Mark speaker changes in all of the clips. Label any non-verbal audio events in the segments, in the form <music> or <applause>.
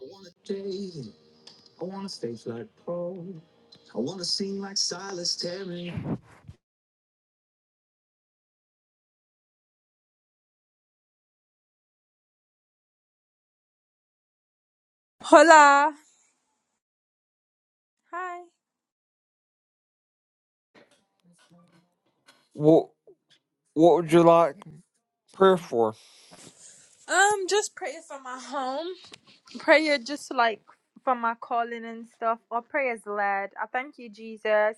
Speaker 1: I wanna stay. I wanna stage like Paul. I wanna sing like Silas Terry.
Speaker 2: Hola. Hi.
Speaker 1: What What would you like prayer for?
Speaker 2: Um, just prayer for my home. Prayer just like for my calling and stuff. Or prayers led. I thank you, Jesus.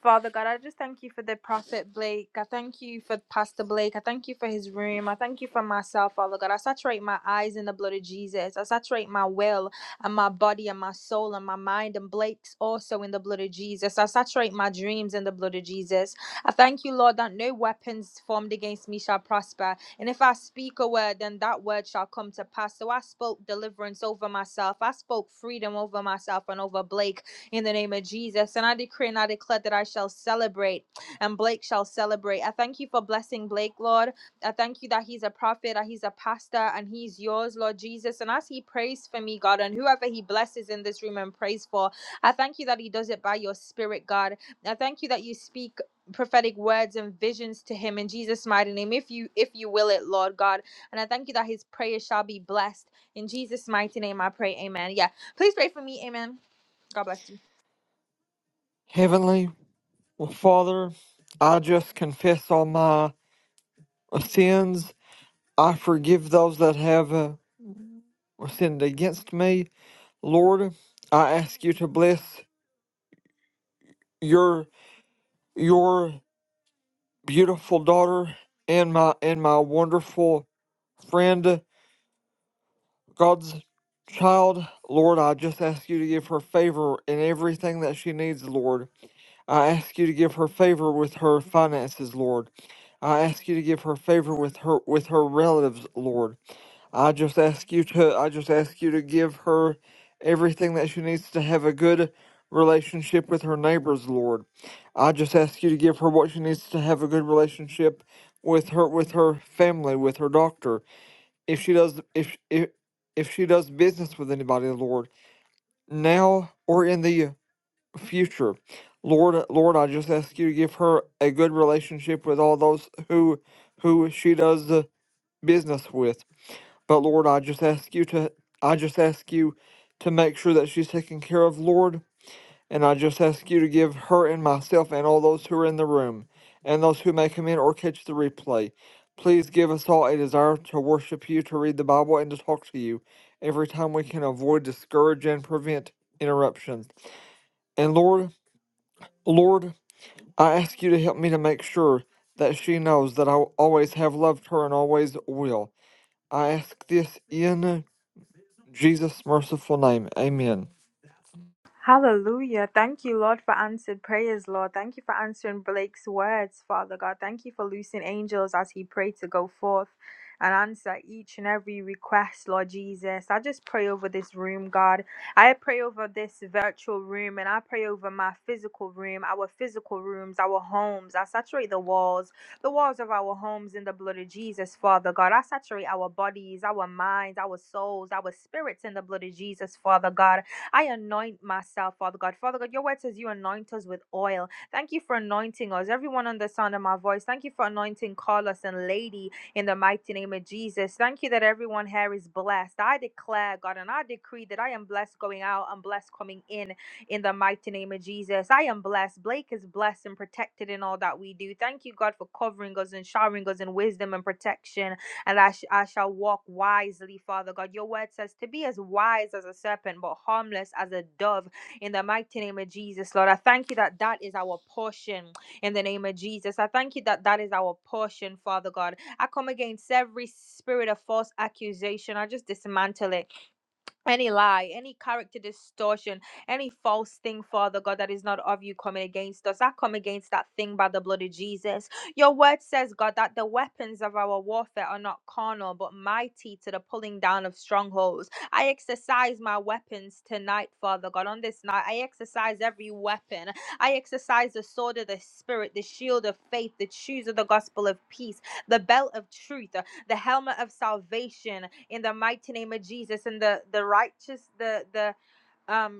Speaker 2: Father God, I just thank you for the prophet Blake. I thank you for Pastor Blake. I thank you for his room. I thank you for myself, Father God. I saturate my eyes in the blood of Jesus. I saturate my will and my body and my soul and my mind and Blake's also in the blood of Jesus. I saturate my dreams in the blood of Jesus. I thank you, Lord, that no weapons formed against me shall prosper. And if I speak a word, then that word shall come to pass. So I spoke deliverance over myself. I spoke freedom over myself and over Blake in the name of Jesus. And I decree and I declare that I shall celebrate and Blake shall celebrate. I thank you for blessing Blake, Lord. I thank you that he's a prophet, that he's a pastor, and he's yours, Lord Jesus. And as he prays for me, God, and whoever he blesses in this room and prays for, I thank you that he does it by your spirit, God. I thank you that you speak prophetic words and visions to him in Jesus mighty name if you if you will it Lord God and I thank you that his prayers shall be blessed in Jesus mighty name I pray amen yeah please pray for me amen God bless you
Speaker 1: Heavenly well, Father, I just confess all my sins. I forgive those that have uh, sinned against me. Lord, I ask you to bless your your beautiful daughter and my and my wonderful friend. God's child, Lord, I just ask you to give her favor in everything that she needs, Lord. I ask you to give her favor with her finances, Lord. I ask you to give her favor with her with her relatives, Lord. I just ask you to I just ask you to give her everything that she needs to have a good relationship with her neighbors, Lord. I just ask you to give her what she needs to have a good relationship with her with her family, with her doctor if she does if if if she does business with anybody, Lord, now or in the future. Lord, Lord, I just ask you to give her a good relationship with all those who who she does uh, business with. But Lord, I just ask you to I just ask you to make sure that she's taken care of, Lord. And I just ask you to give her and myself and all those who are in the room and those who may come in or catch the replay. Please give us all a desire to worship you, to read the Bible, and to talk to you every time we can avoid, discourage, and prevent interruptions. And Lord, Lord, I ask you to help me to make sure that she knows that I always have loved her and always will. I ask this in Jesus' merciful name. Amen.
Speaker 2: Hallelujah. Thank you, Lord, for answered prayers, Lord. Thank you for answering Blake's words, Father God. Thank you for loosing angels as he prayed to go forth and answer each and every request, Lord Jesus. I just pray over this room, God. I pray over this virtual room and I pray over my physical room, our physical rooms, our homes. I saturate the walls, the walls of our homes in the blood of Jesus, Father God. I saturate our bodies, our minds, our souls, our spirits in the blood of Jesus, Father God. I anoint myself, Father God. Father God, your word says you anoint us with oil. Thank you for anointing us, everyone on the sound of my voice. Thank you for anointing Carlos and Lady in the mighty name of Jesus. Thank you that everyone here is blessed. I declare, God, and I decree that I am blessed going out and blessed coming in in the mighty name of Jesus. I am blessed. Blake is blessed and protected in all that we do. Thank you, God, for covering us and showering us in wisdom and protection and I, sh- I shall walk wisely, Father God. Your word says to be as wise as a serpent, but harmless as a dove. In the mighty name of Jesus, Lord, I thank you that that is our portion. In the name of Jesus, I thank you that that is our portion, Father God. I come against every spirit of false accusation. I just dismantle it any lie, any character distortion, any false thing, Father God, that is not of you coming against us. I come against that thing by the blood of Jesus. Your word says, God, that the weapons of our warfare are not carnal, but mighty to the pulling down of strongholds. I exercise my weapons tonight, Father God. On this night, I exercise every weapon. I exercise the sword of the Spirit, the shield of faith, the shoes of the gospel of peace, the belt of truth the helmet of salvation in the mighty name of Jesus and the the righteous the the um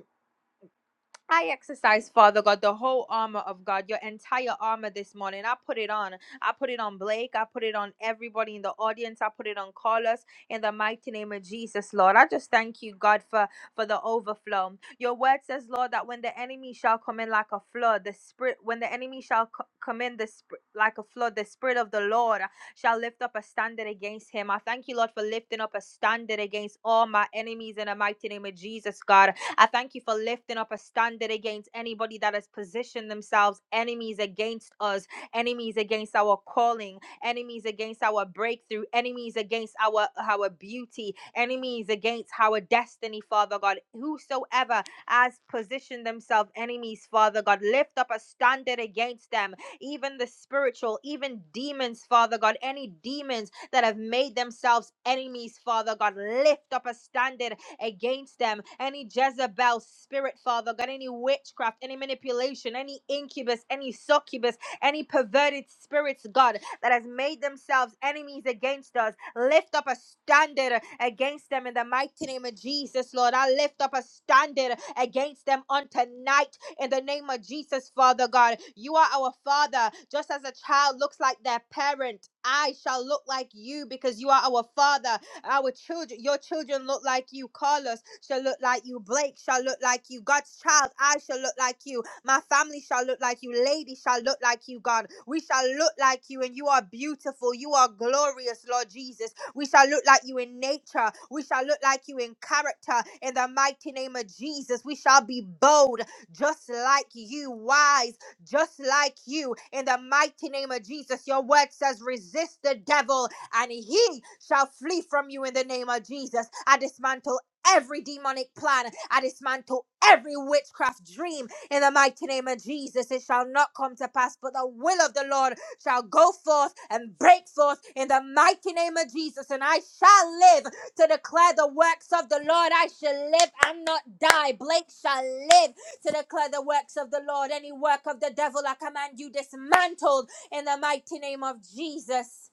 Speaker 2: I exercise, Father God, the whole armor of God, your entire armor this morning. I put it on. I put it on Blake. I put it on everybody in the audience. I put it on Carlos in the mighty name of Jesus, Lord. I just thank you, God, for, for the overflow. Your word says, Lord, that when the enemy shall come in like a flood, the spirit, when the enemy shall co- come in the sp- like a flood, the spirit of the Lord shall lift up a standard against him. I thank you, Lord, for lifting up a standard against all my enemies in the mighty name of Jesus, God. I thank you for lifting up a standard against anybody that has positioned themselves enemies against us, enemies against our calling, enemies against our breakthrough, enemies against our, our beauty, enemies against our destiny, Father God. Whosoever has positioned themselves enemies, Father God, lift up a standard against them, even the spiritual, even demons, Father God, any demons that have made themselves enemies, Father God, lift up a standard against them. Any Jezebel spirit, Father God, any witchcraft, any manipulation, any incubus, any succubus, any perverted spirits, God, that has made themselves enemies against us. Lift up a standard against them in the mighty name of Jesus, Lord. I lift up a standard against them on tonight in the name of Jesus, Father God. You are our Father, just as a child looks like their parent. I shall look like you because you are our Father. Our children, your children look like you. Carlos shall look like you. Blake shall look like you. God's child, I shall look like you. My family shall look like you. Lady shall look like you, God. We shall look like you, and you are beautiful. You are glorious, Lord Jesus. We shall look like you in nature. We shall look like you in character. In the mighty name of Jesus, we shall be bold, just like you, wise, just like you. In the mighty name of Jesus, your word says, resist the devil, and he shall flee from you in the name of Jesus. I dismantle every demonic plan. I dismantle every witchcraft dream in the mighty name of Jesus. It shall not come to pass, but the will of the Lord shall go forth and break forth in the mighty name of Jesus. And I shall live to declare the works of the Lord. I shall live and not die. Blake shall live to declare the works of the Lord. Any work of the devil, I command you dismantled in the mighty name of Jesus.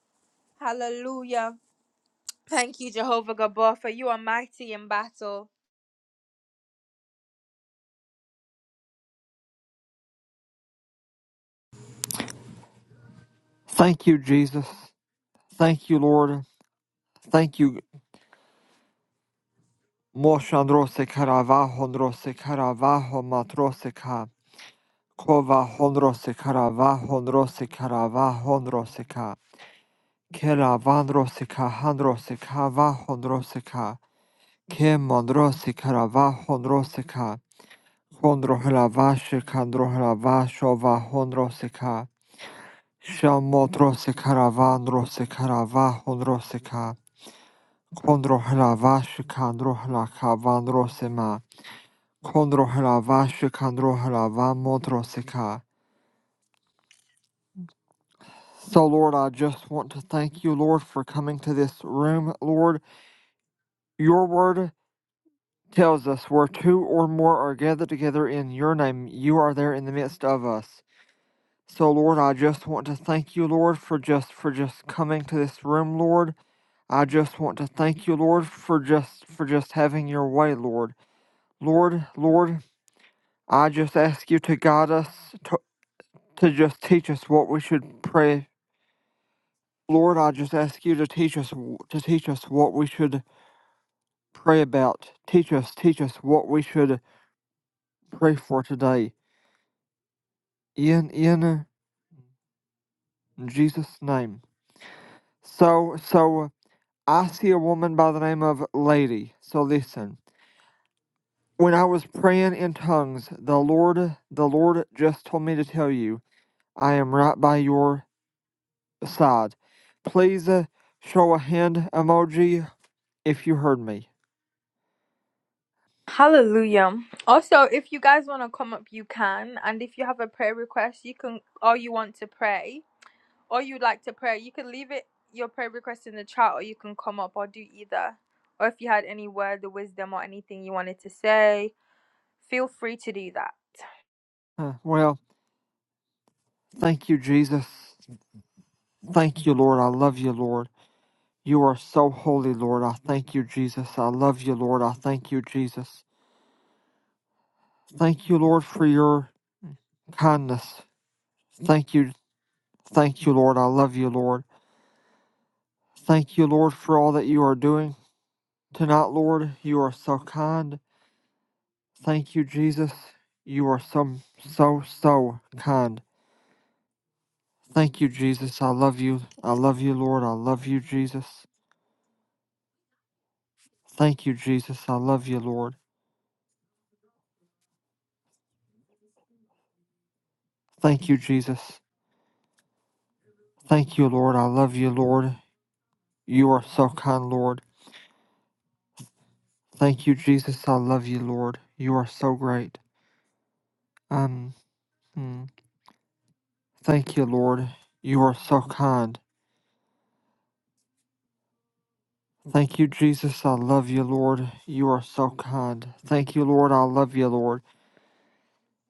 Speaker 2: Hallelujah. Thank you, Jehovah Gabor, for you are mighty in battle.
Speaker 1: Thank you, Jesus. Thank you, Lord. Thank you, Moshan rosekara vahon rosekara vahon matroseka. Kova hon rosekara vahon rosekara vahon roseka. Kera van roseka han roseka vahon roseka. Kemon rosekara vahon roseka. Hon rohla vashekan rohla vasho vahon roseka. Shamot rosekara van rosekara vahon roseka. Kon rohla vashekan rohla kavan rosema. Kon rohela vashika rohela vamotrosika. So, Lord, I just want to thank you, Lord, for coming to this room. Lord, your word tells us where two or more are gathered together in your name, you are there in the midst of us. So, Lord, I just want to thank you, Lord, for just for just coming to this room, Lord. I just want to thank you, Lord, for just for just having your way, Lord. Lord, Lord, I just ask you to guide us to, to just teach us what we should pray Lord, I just ask you to teach us to teach us what we should pray about. Teach us, teach us what we should pray for today. In in Jesus' name. So so I see a woman by the name of Lady. So listen. When I was praying in tongues, the Lord the Lord just told me to tell you, I am right by your side. Please uh, show a hand emoji if you heard me.
Speaker 2: Hallelujah. Also, if you guys want to come up, you can. And if you have a prayer request, you can, or you want to pray, or you'd like to pray, you can leave it your prayer request in the chat, or you can come up or do either. Or if you had any word of wisdom or anything you wanted to say, feel free to do that.
Speaker 1: Uh, well, thank you, Jesus. Thank you, Lord. I love you, Lord. You are so holy, Lord. I thank you, Jesus. I love you, Lord. I thank you, Jesus. Thank you, Lord, for your kindness. Thank you. Thank you, Lord. I love you, Lord. Thank you, Lord, for all that you are doing tonight, Lord. You are so kind. Thank you, Jesus. You are so, so, so kind. Thank you, Jesus. I love you. I love you, Lord. I love you, Jesus. Thank you, Jesus. I love you, Lord. Thank you, Jesus. Thank you, Lord. I love you, Lord. You are so kind, Lord. Thank you, Jesus. I love you, Lord. You are so great. Um, mm. thank you, Lord. You are so kind. Thank you, Jesus. I love you, Lord. You are so kind. Thank you, Lord. I love you, Lord.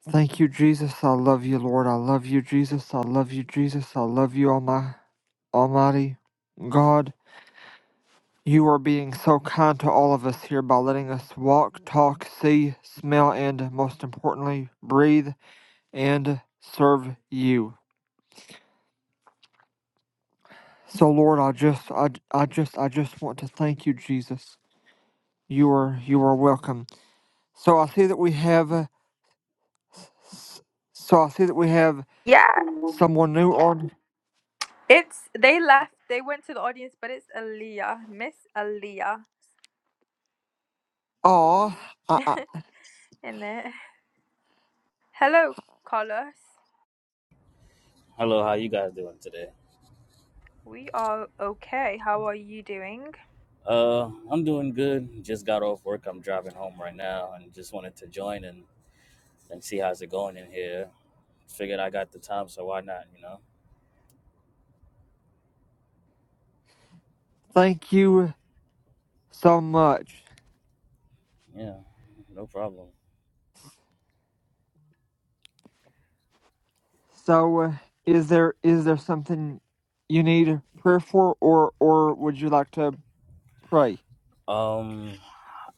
Speaker 1: Thank you, Jesus. I love you, Lord. I love you, Jesus. I love you, Jesus. I love you, Almighty, Almighty God. You are being so kind to all of us here by letting us walk, talk, see, smell, and most importantly, breathe and serve you. So Lord, I just I, I just I just want to thank you, Jesus. You are you are welcome. So I see that we have uh, s- so I see that we have
Speaker 2: Yeah,
Speaker 1: someone new on.
Speaker 2: it's they left, they went to the audience, but it's Aaliyah, Miss Aaliyah,
Speaker 1: Aw, I, I,
Speaker 2: in it. Hello, Carlos.
Speaker 3: Hello, how you guys doing today?
Speaker 2: We are okay. How are you doing?
Speaker 3: Uh, I'm doing good. Just got off work. I'm driving home right now, and just wanted to join and, and see how's it going in here. Figured I got the time, so why not? You know?
Speaker 1: thank you so much.
Speaker 3: Yeah, no problem.
Speaker 1: So uh, is there is there something you need prayer for or or would you like to pray.
Speaker 3: Um,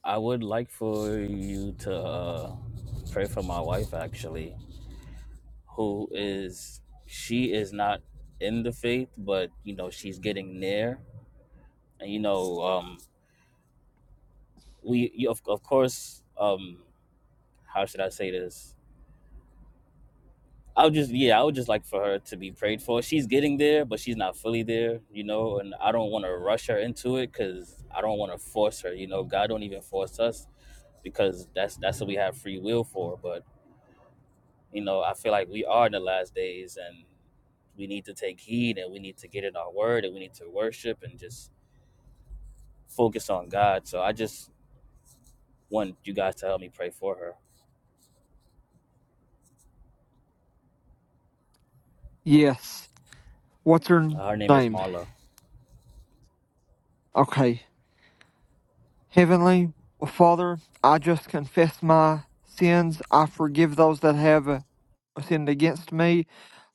Speaker 3: I would like for you to uh, pray for my wife, actually, who is she is not in the faith, but you know she's getting there, and you know, um, we you- of of course, um, how should I say this? I would just yeah, I would just like for her to be prayed for. She's getting there, but she's not fully there, you know. And I don't want to rush her into it because I don't want to force her. You know, God don't even force us because that's that's what we have free will for. But you know, I feel like we are in the last days, and we need to take heed, and we need to get in our word, and we need to worship and just focus on God. So I just want you guys to help me pray for her.
Speaker 1: Yes. What's your
Speaker 3: Her name is
Speaker 1: name?
Speaker 3: Marla.
Speaker 1: Okay. Heavenly Father, I just confess my sins. I forgive those that have uh, sinned against me.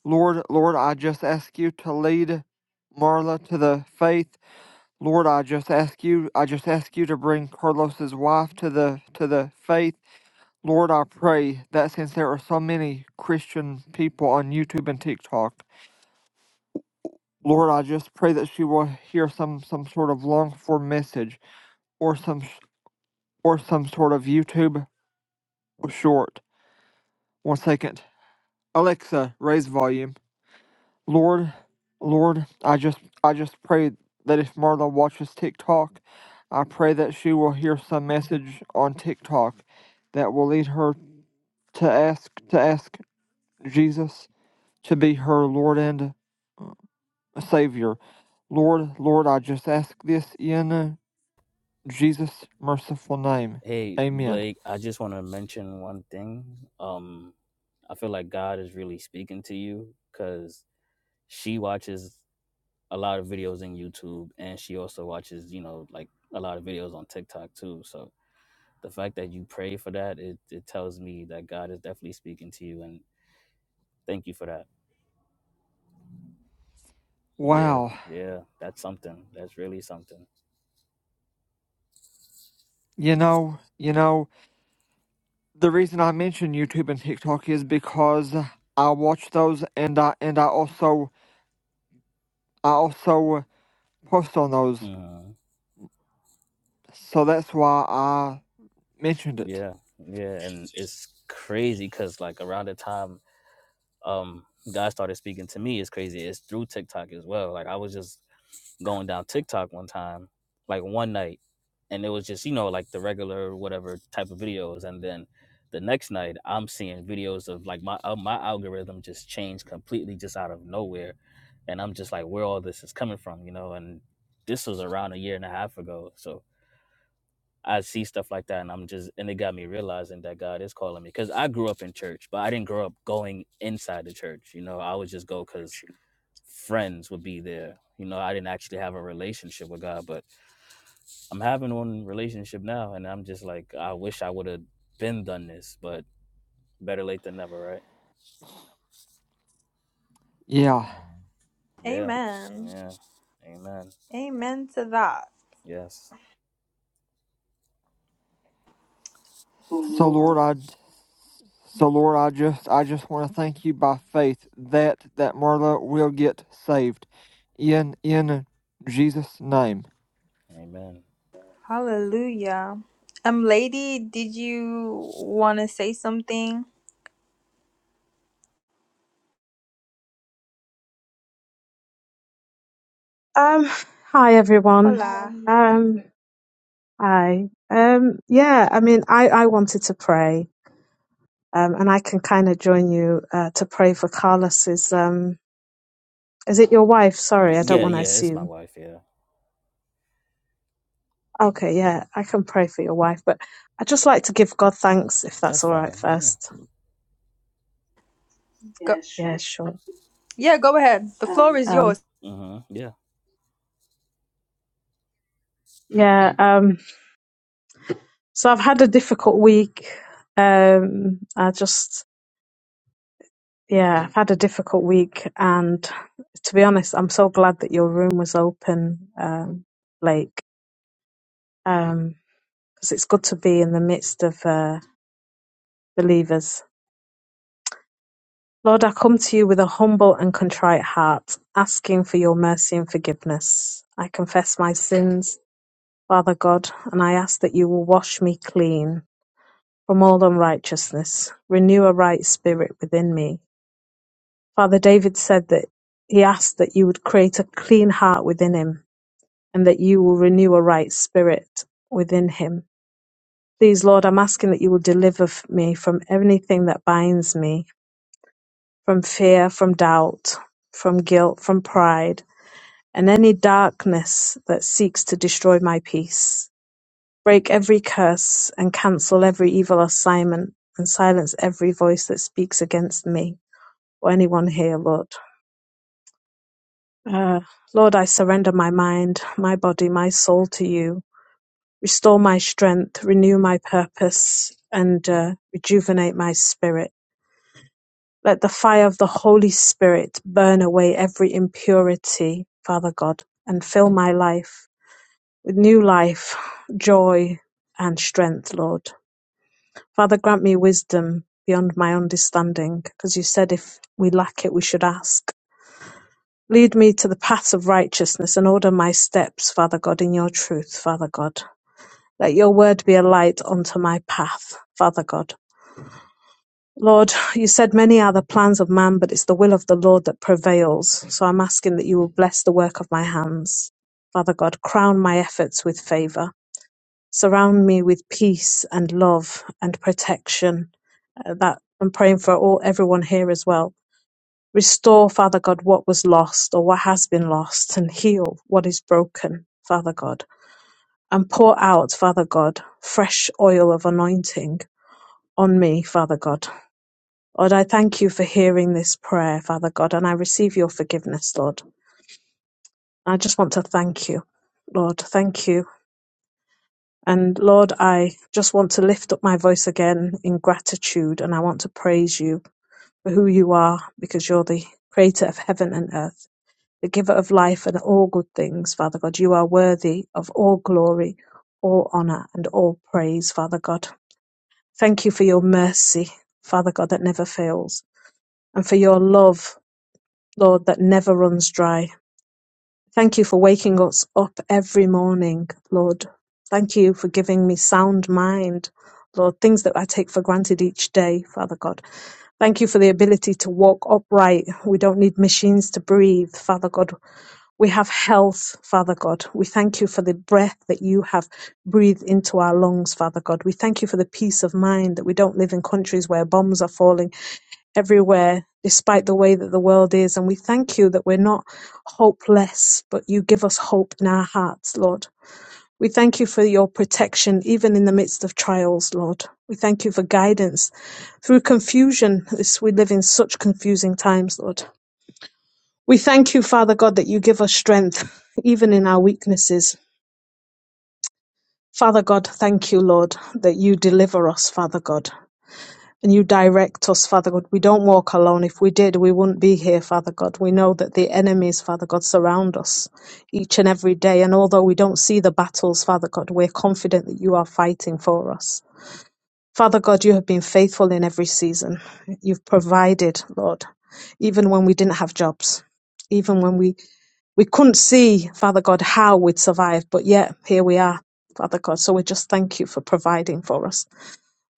Speaker 1: Lord, Lord, I just ask you to lead Marla to the faith. Lord, I just ask you, I just ask you to bring Carlos's wife to the to the faith. Lord, I pray that since there are so many Christian people on YouTube and TikTok, Lord, I just pray that she will hear some some sort of long form message or some or some sort of YouTube short. One second, Alexa, raise volume. Lord, Lord, I just I just pray that if Marla watches TikTok, I pray that she will hear some message on TikTok that will lead her to ask to ask Jesus to be her Lord and Savior. Lord, Lord, I just ask this in. Jesus' merciful name.
Speaker 3: Hey,
Speaker 1: Amen.
Speaker 3: Blake, I just want to mention one thing. Um, I feel like God is really speaking to you because she watches a lot of videos in YouTube and she also watches, you know, like a lot of videos on TikTok too. So the fact that you pray for that, it, it tells me that God is definitely speaking to you. And thank you for that. Yeah,
Speaker 1: Wow.
Speaker 3: yeah, that's something. That's really something.
Speaker 1: You know, you know, the reason I mention YouTube and TikTok is because I watch those and I and I also I also post on those.
Speaker 3: hmm
Speaker 1: So that's why I mentioned it.
Speaker 3: Yeah, yeah. And it's crazy because, like, around the time um God started speaking to me It's crazy. It's through TikTok as well. Like I was just going down TikTok one time, like one night, and it was just, you know, like the regular whatever type of videos. And then the next night I'm seeing videos of like my uh, my algorithm just changed completely just out of nowhere. And I'm just like where all this is coming from, you know, and this was around a year and a half ago. So I see stuff like that, and I'm just and it got me realizing that God is calling me because I grew up in church, but I didn't grow up going inside the church. You know, I would just go because friends would be there. You know, I didn't actually have a relationship with God, but I'm having one relationship now, and I'm just like, I wish I would have been done this, but better late than never, right?
Speaker 1: Yeah.
Speaker 3: Yeah,
Speaker 2: Amen.
Speaker 3: yeah, amen.
Speaker 2: Amen to that.
Speaker 3: Yes,
Speaker 1: So Lord I so Lord I just I just want to thank you by faith that that Marla will get saved in in Jesus name.
Speaker 3: amen.
Speaker 2: Hallelujah. Um, lady, did you want to say something?
Speaker 4: Um, hi everyone.
Speaker 2: Hola.
Speaker 4: Um, hi. Um, yeah, I mean, I, I wanted to pray, um, and I can kind of join you uh, to pray for Carlos's. Um, is it your wife?
Speaker 3: Uh,
Speaker 4: Sorry, I don't
Speaker 3: yeah,
Speaker 4: want to
Speaker 3: yeah, it's my
Speaker 4: assume.
Speaker 3: wife. Yeah,
Speaker 4: Okay, yeah, I can pray for your wife, but I'd just like to give God thanks if
Speaker 3: that's
Speaker 4: that's all right
Speaker 3: fine. Yeah,
Speaker 4: first.
Speaker 2: Go-
Speaker 4: Yeah, sure.
Speaker 2: yeah, go ahead. The floor is
Speaker 4: Um,
Speaker 2: yours.
Speaker 3: mm-hmm. yeah,
Speaker 4: yeah. Um, so I've had a difficult week. Um, I just Yeah, I've had a difficult week, and to be honest, I'm so glad that your room was open, um, Blake, um, because it's good to be in the midst of uh, believers. Lord, I come to you with a humble and contrite heart, asking for your mercy and forgiveness. I confess my sins, Father God, and I ask that you will wash me clean from all unrighteousness, renew a right spirit within me. Father David said that he asked that you would create a clean heart within him and that you will renew a right spirit within him. Please, Lord, I'm asking that you will deliver me from anything that binds me, from fear, from doubt, from guilt, from pride, and any darkness that seeks to destroy my peace. Break every curse and cancel every evil assignment and silence every voice that speaks against me or anyone here, Lord. Uh, Lord, I surrender my mind, my body, my soul to you. restore my strength, renew my purpose, and uh, rejuvenate my spirit. Let the fire of the Holy Spirit burn away every impurity, Father God, and fill my life with new life, joy, and strength, Lord. Father, grant me wisdom beyond my understanding, because you said if we lack it, we should ask. Lead me to the paths of righteousness and order my steps, Father God, in your truth, Father God. Let your word be a light unto my path, Father God. Lord, you said many are the plans of man, but it's the will of the Lord that prevails. So I'm asking that you will bless the work of my hands. Father God, crown my efforts with favor. Surround me with peace and love and protection. Uh, That I'm praying for all everyone here as well. Restore, Father God, what was lost or what has been lost and heal what is broken, Father God. And pour out, Father God, fresh oil of anointing on me, Father God. Lord, I thank you for hearing this prayer, Father God, and I receive your forgiveness, Lord. I just want to thank you, Lord. Thank you. And Lord, I just want to lift up my voice again in gratitude and I want to praise you for who you are because you're the creator of heaven and earth, the giver of life and all good things, Father God. You are worthy of all glory, all honor, and all praise, Father God. Thank you for your mercy, Father God, that never fails. and for your love, Lord, that never runs dry. Thank you for waking us up every morning, Lord. Thank you for giving me sound mind, Lord, things that I take for granted each day, Father God. Thank you for the ability to walk upright. We don't need machines to breathe, Father God. We have health, Father God. We thank you for the breath that you have breathed into our lungs, Father God. We thank you for the peace of mind that we don't live in countries where bombs are falling everywhere, despite the way that the world is. And we thank you that we're not hopeless, but you give us hope in our hearts, Lord. We thank you for your protection, even in the midst of trials, Lord. We thank you for guidance through confusion. This, we live in such confusing times, Lord. We thank you, Father God, that you give us strength, even in our weaknesses. Father God, thank you, Lord, that you deliver us, Father God. And you direct us, Father God. We don't walk alone. If we did, we wouldn't be here, Father God. We know that the enemies, Father God, surround us each and every day. And although we don't see the battles, Father God, we're confident that you are fighting for us. Father God, you have been faithful in every season. You've provided, Lord, even when we didn't have jobs, even when we, we couldn't see, Father God, how we'd survive. But yet, here we are, Father God. So we just thank you for providing for us.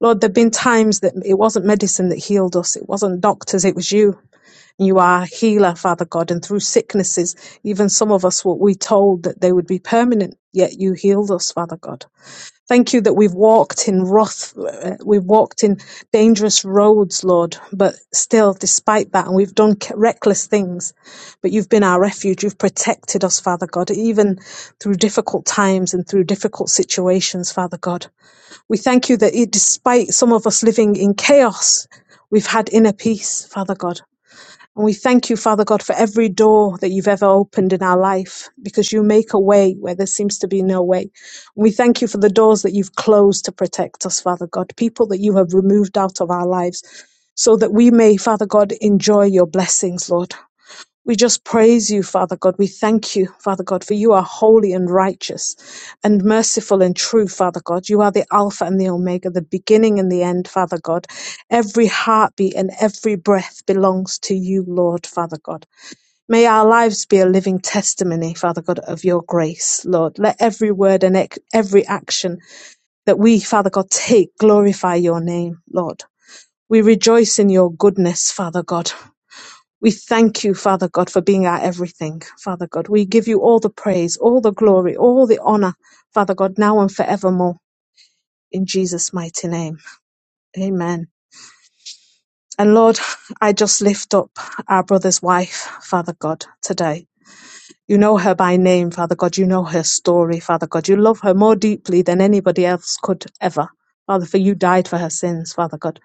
Speaker 4: Lord, there've been times that it wasn't medicine that healed us. It wasn't doctors. It was you. You are a healer, Father God. And through sicknesses, even some of us were we told that they would be permanent, yet you healed us, Father God. Thank you that we've walked in rough, uh, we've walked in dangerous roads, Lord, but still, despite that, and we've done c- reckless things, but you've been our refuge. You've protected us, Father God, even through difficult times and through difficult situations, Father God. We thank you that it, despite some of us living in chaos, we've had inner peace, Father God. And we thank you, Father God, for every door that you've ever opened in our life because you make a way where there seems to be no way. And we thank you for the doors that you've closed to protect us, Father God, people that you have removed out of our lives so that we may, Father God, enjoy your blessings, Lord. We just praise you, Father God. We thank you, Father God, for you are holy and righteous and merciful and true, Father God. You are the Alpha and the Omega, the beginning and the end, Father God. Every heartbeat and every breath belongs to you, Lord, Father God. May our lives be a living testimony, Father God, of your grace, Lord. Let every word and ec- every action that we, Father God, take glorify your name, Lord. We rejoice in your goodness, Father God. We thank you, Father God, for being our everything, Father God. We give you all the praise, all the glory, all the honor, Father God, now and forevermore, in Jesus' mighty name. Amen. And Lord, I just lift up our brother's wife, Father God, today. You know her by name, Father God. You know her story, Father God. You love her more deeply than anybody else could ever. Father, for you died for her sins, Father God.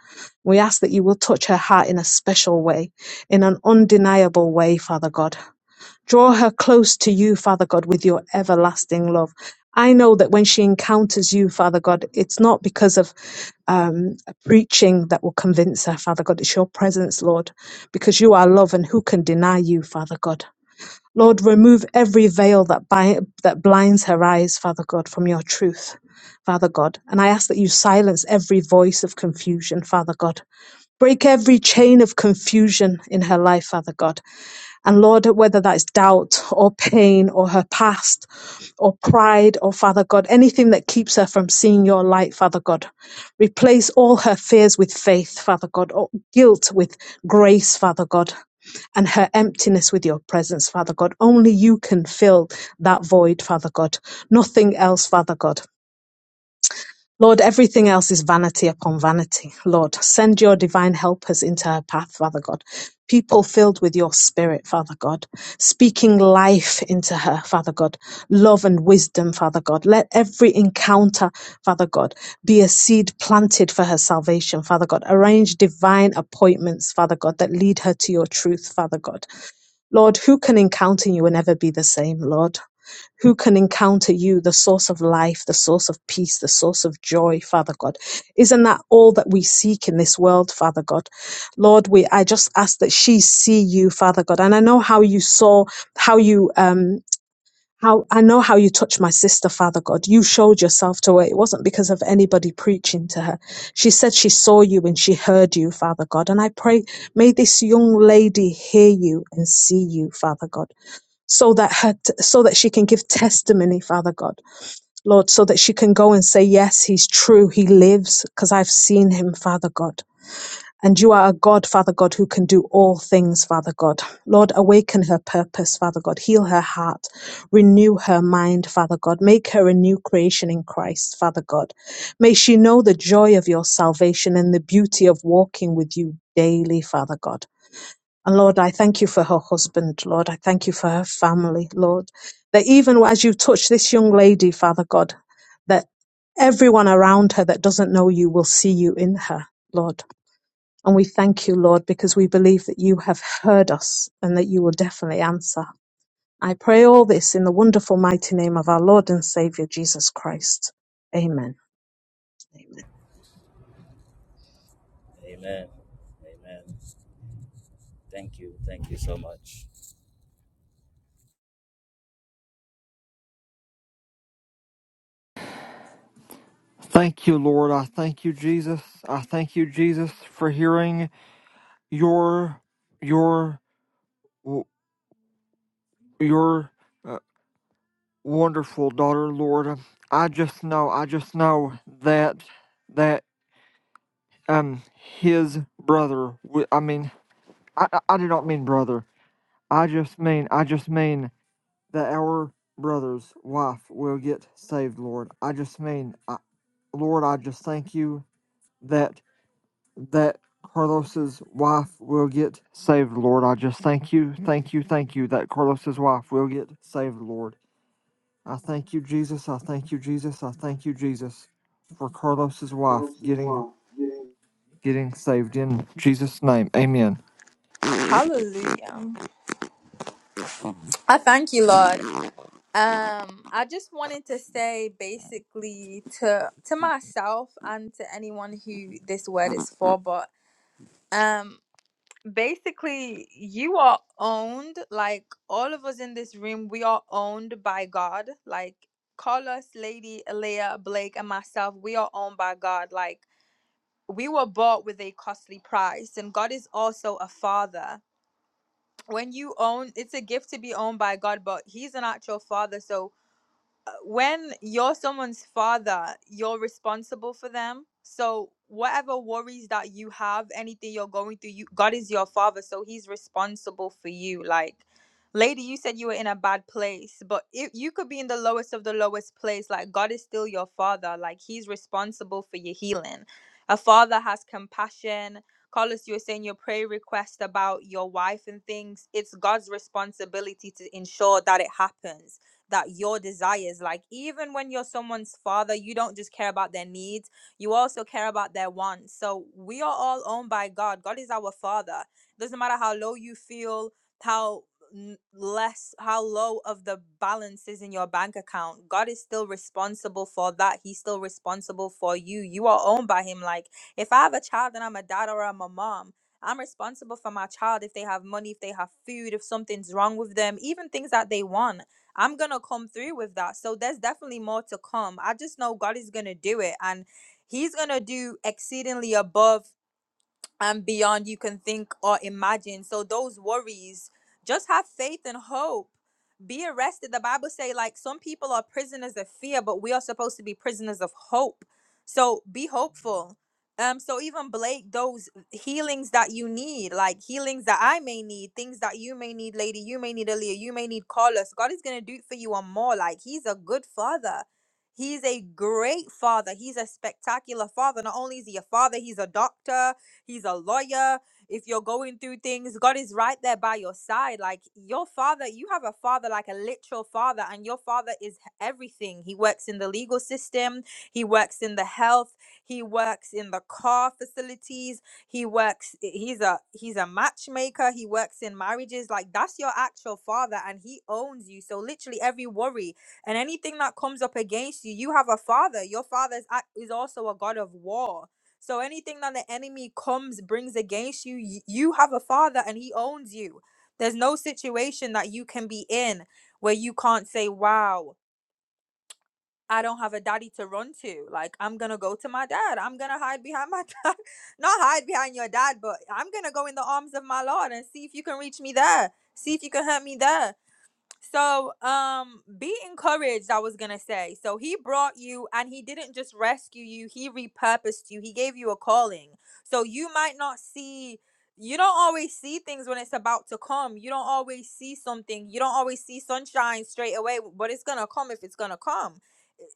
Speaker 4: We ask that you will touch her heart in a special way, in an undeniable way, Father God. Draw her close to you, Father God, with your everlasting love. I know that when she encounters you, Father God, it's not because of um, preaching that will convince her, Father God. It's your presence, Lord, because you are love, and who can deny you, Father God? Lord, remove every veil that, bi- that blinds her eyes, Father God, from your truth, Father God. And I ask that you silence every voice of confusion, Father God. Break every chain of confusion in her life, Father God and Lord, whether that's doubt or pain or her past or pride or Father God, anything that keeps her from seeing your light, Father God, replace all her fears with faith, Father God, or guilt with grace, Father God, and her emptiness with your presence, Father God. Only you can fill that void, Father God. Nothing else, Father God. Lord, everything else is vanity upon vanity. Lord, send your divine helpers into her path, Father God. People filled with your spirit, Father God. Speaking life into her, Father God. Love and wisdom, Father God. Let every encounter, Father God, be a seed planted for her salvation, Father God. Arrange divine appointments, Father God, that lead her to your truth, Father God. Lord, who can encounter you and never be the same, Lord? Who can encounter you, the source of life, the source of peace, the source of joy, Father God? Isn't that all that we seek in this world, Father God? Lord, we I just ask that she see you, Father God. And I know how you saw, how you um how I know how you touched my sister, Father God. You showed yourself to her. It wasn't because of anybody preaching to her. She said she saw you and she heard you, Father God. And I pray, may this young lady hear you and see you, Father God, so that her, so that she can give testimony, Father God, Lord, so that she can go and say, yes, he's true. He lives because I've seen him, Father God. And you are a God, Father God, who can do all things, Father God. Lord, awaken her purpose, Father God. Heal her heart. Renew her mind, Father God. Make her a new creation in Christ, Father God. May she know the joy of your salvation and the beauty of walking with you daily, Father God. And Lord, I thank you for her husband, Lord. I thank you for her family, Lord. That even as you touch this young lady, Father God, that everyone around her that doesn't know you will see you in her, Lord. And we thank you, Lord, because we believe that you have heard us and that you will definitely answer. I pray all this in the wonderful, mighty name of our Lord and Savior, Jesus Christ. Amen. Amen.
Speaker 3: amen, amen. Thank you. Thank you so much.
Speaker 1: Thank you, Lord. I thank you, Jesus. I thank you, Jesus, for hearing your your your uh, wonderful daughter, Lord. I just know, I just know that that um his brother. wi- I mean, I I I do not mean brother. I just mean, I just mean that our brother's wife will get saved, Lord. I just mean, I, Lord, I just thank you that. that Carlos's wife will get saved, Lord. I just thank you, thank you, thank you that Carlos's wife will get saved, Lord. I thank you, Jesus. I thank you, Jesus. I thank you, Jesus, for Carlos's wife getting getting saved in Jesus' name. Amen.
Speaker 2: Hallelujah. I thank you, Lord. Um, I just wanted to say basically to to myself and to anyone who this word is for, but um basically you are owned like all of us in this room we are owned by god like call us lady Alea, blake and myself we are owned by god like we were bought with a costly price and god is also a father when you own it's a gift to be owned by god but he's an actual father so when you're someone's father, you're responsible for them. So whatever worries that you have, anything you're going through, you God is your father, so he's responsible for you. Like lady, you said you were in a bad place, but if you could be in the lowest of the lowest place, like God is still your father. Like he's responsible for your healing. A father has compassion. Carlos, you were saying your prayer request about your wife and things. It's God's responsibility to ensure that it happens that your desires like even when you're someone's father you don't just care about their needs you also care about their wants so we are all owned by god god is our father doesn't matter how low you feel how n- less how low of the balance is in your bank account god is still responsible for that he's still responsible for you you are owned by him like if i have a child and i'm a dad or i'm a mom i'm responsible for my child if they have money if they have food if something's wrong with them even things that they want I'm gonna come through with that. So there's definitely more to come. I just know God is gonna do it and He's gonna do exceedingly above and beyond you can think or imagine. So those worries, just have faith and hope. Be arrested. The Bible say like some people are prisoners of fear, but we are supposed to be prisoners of hope. So be hopeful. Um, so even Blake, those healings that you need, like healings that I may need, things that you may need, lady, you may need Aaliyah, you may need Carlos. God is gonna do it for you and more. Like he's a good father. He's a great father. He's a spectacular father. Not only is he a father, he's a doctor He's a lawyer. If you're going through things, God is right there by your side. Like your father, you have a father, like a literal father, and your father is everything. He works in the legal system, he works in the health, he works in the car facilities, he works he's a he's a matchmaker he works in marriages like that's your actual father and he owns you so literally every worry and anything that comes up against you you have a father your father is, ac- is also a god of war so anything that the enemy comes brings against you, y- you have a father and he owns you. There's no situation that you can be in where you can't say, "Wow, I don't have a daddy to run to. Like I'm going to go to my dad. I'm going to hide behind my <laughs> dad. Not hide behind your dad, but I'm going to go in the arms of my Lord and see if you can reach me there. See if you can hurt me there." So, um, be encouraged, I was gonna say. So he brought you and he didn't just rescue you, he repurposed you, he gave you a calling. So you might not see you don't always see things when it's about to come. You don't always see something. You don't always see sunshine straight away, but it's gonna come if it's gonna come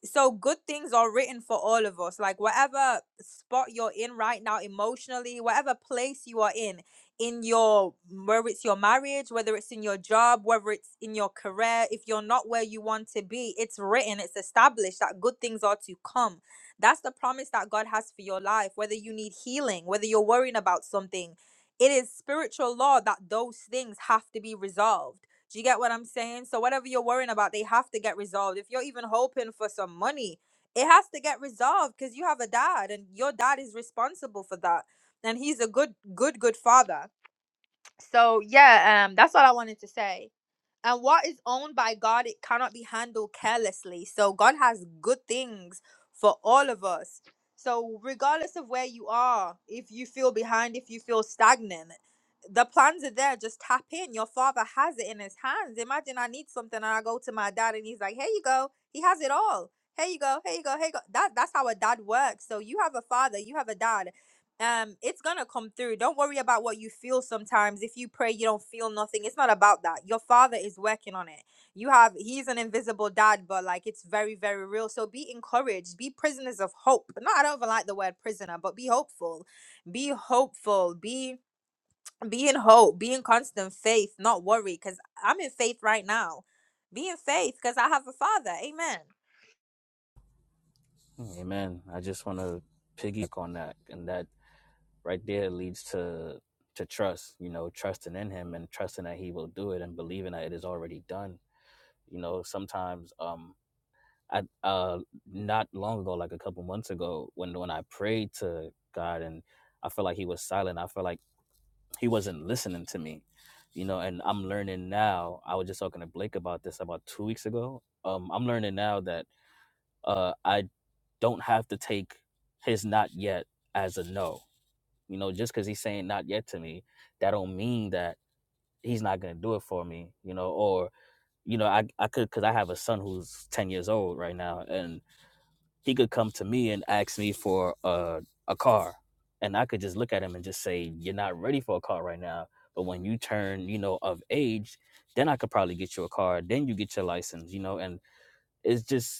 Speaker 2: so good things are written for all of us like whatever spot you're in right now emotionally whatever place you are in in your whether it's your marriage whether it's in your job whether it's in your career if you're not where you want to be it's written it's established that good things are to come that's the promise that god has for your life whether you need healing whether you're worrying about something it is spiritual law that those things have to be resolved do you get what I'm saying? So whatever you're worrying about, they have to get resolved. If you're even hoping for some money, it has to get resolved because you have a dad and your dad is responsible for that. And he's a good, good, good father. So yeah, um, that's all I wanted to say. And what is owned by God, it cannot be handled carelessly. So God has good things for all of us. So regardless of where you are, if you feel behind, if you feel stagnant, the plans are there. Just tap in. Your father has it in his hands. Imagine I need something and I go to my dad and he's like, "Here you go. He has it all. Here you go. Here you go. Here you go." That that's how a dad works. So you have a father, you have a dad um it's gonna come through don't worry about what you feel sometimes if you pray you don't feel nothing it's not about that your father is working on it you have he's an invisible dad but like it's very very real so be encouraged be prisoners of hope no i don't even like the word prisoner but be hopeful be hopeful be be in hope be in constant faith not worry because i'm in faith right now be in faith because i have a father amen
Speaker 3: Amen. I just want to piggyback on that. And that right there leads to to trust, you know, trusting in him and trusting that he will do it and believing that it is already done. You know, sometimes um I uh not long ago, like a couple months ago, when when I prayed to God and I felt like he was silent, I felt like he wasn't listening to me. You know, and I'm learning now. I was just talking to Blake about this about two weeks ago. Um, I'm learning now that uh, I don't have to take his not yet as a no. You know, just because he's saying not yet to me, that don't mean that he's not gonna do it for me. You know, or you know, I I could because I have a son who's ten years old right now, and he could come to me and ask me for a a car, and I could just look at him and just say, "You're not ready for a car right now." But when you turn, you know, of age, then I could probably get you a car. Then you get your license, you know, and it's just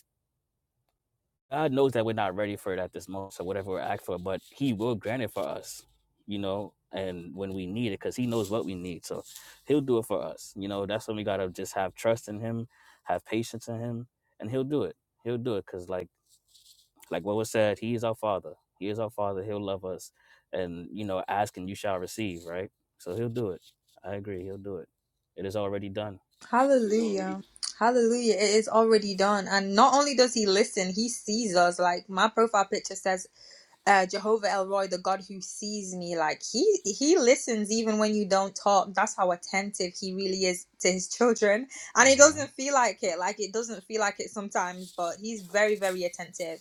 Speaker 3: God knows that we're not ready for it at this moment. So whatever we're asked for, but He will grant it for us, you know, and when we need it, because He knows what we need. So He'll do it for us. You know, that's when we gotta just have trust in Him, have patience in Him, and He'll do it. He'll do it. Cause like like what was said, He is our Father. He is our Father. He'll love us. And you know, ask and you shall receive, right? So He'll do it. I agree, He'll do it. It is already done.
Speaker 2: Hallelujah. Hallelujah. It is already done. And not only does he listen, he sees us. Like my profile picture says, uh, Jehovah Elroy, the God who sees me. Like he he listens even when you don't talk. That's how attentive he really is to his children.
Speaker 3: Uh
Speaker 2: And it
Speaker 3: huh.
Speaker 2: doesn't feel like it. Like it doesn't feel like it sometimes, but he's very, very attentive.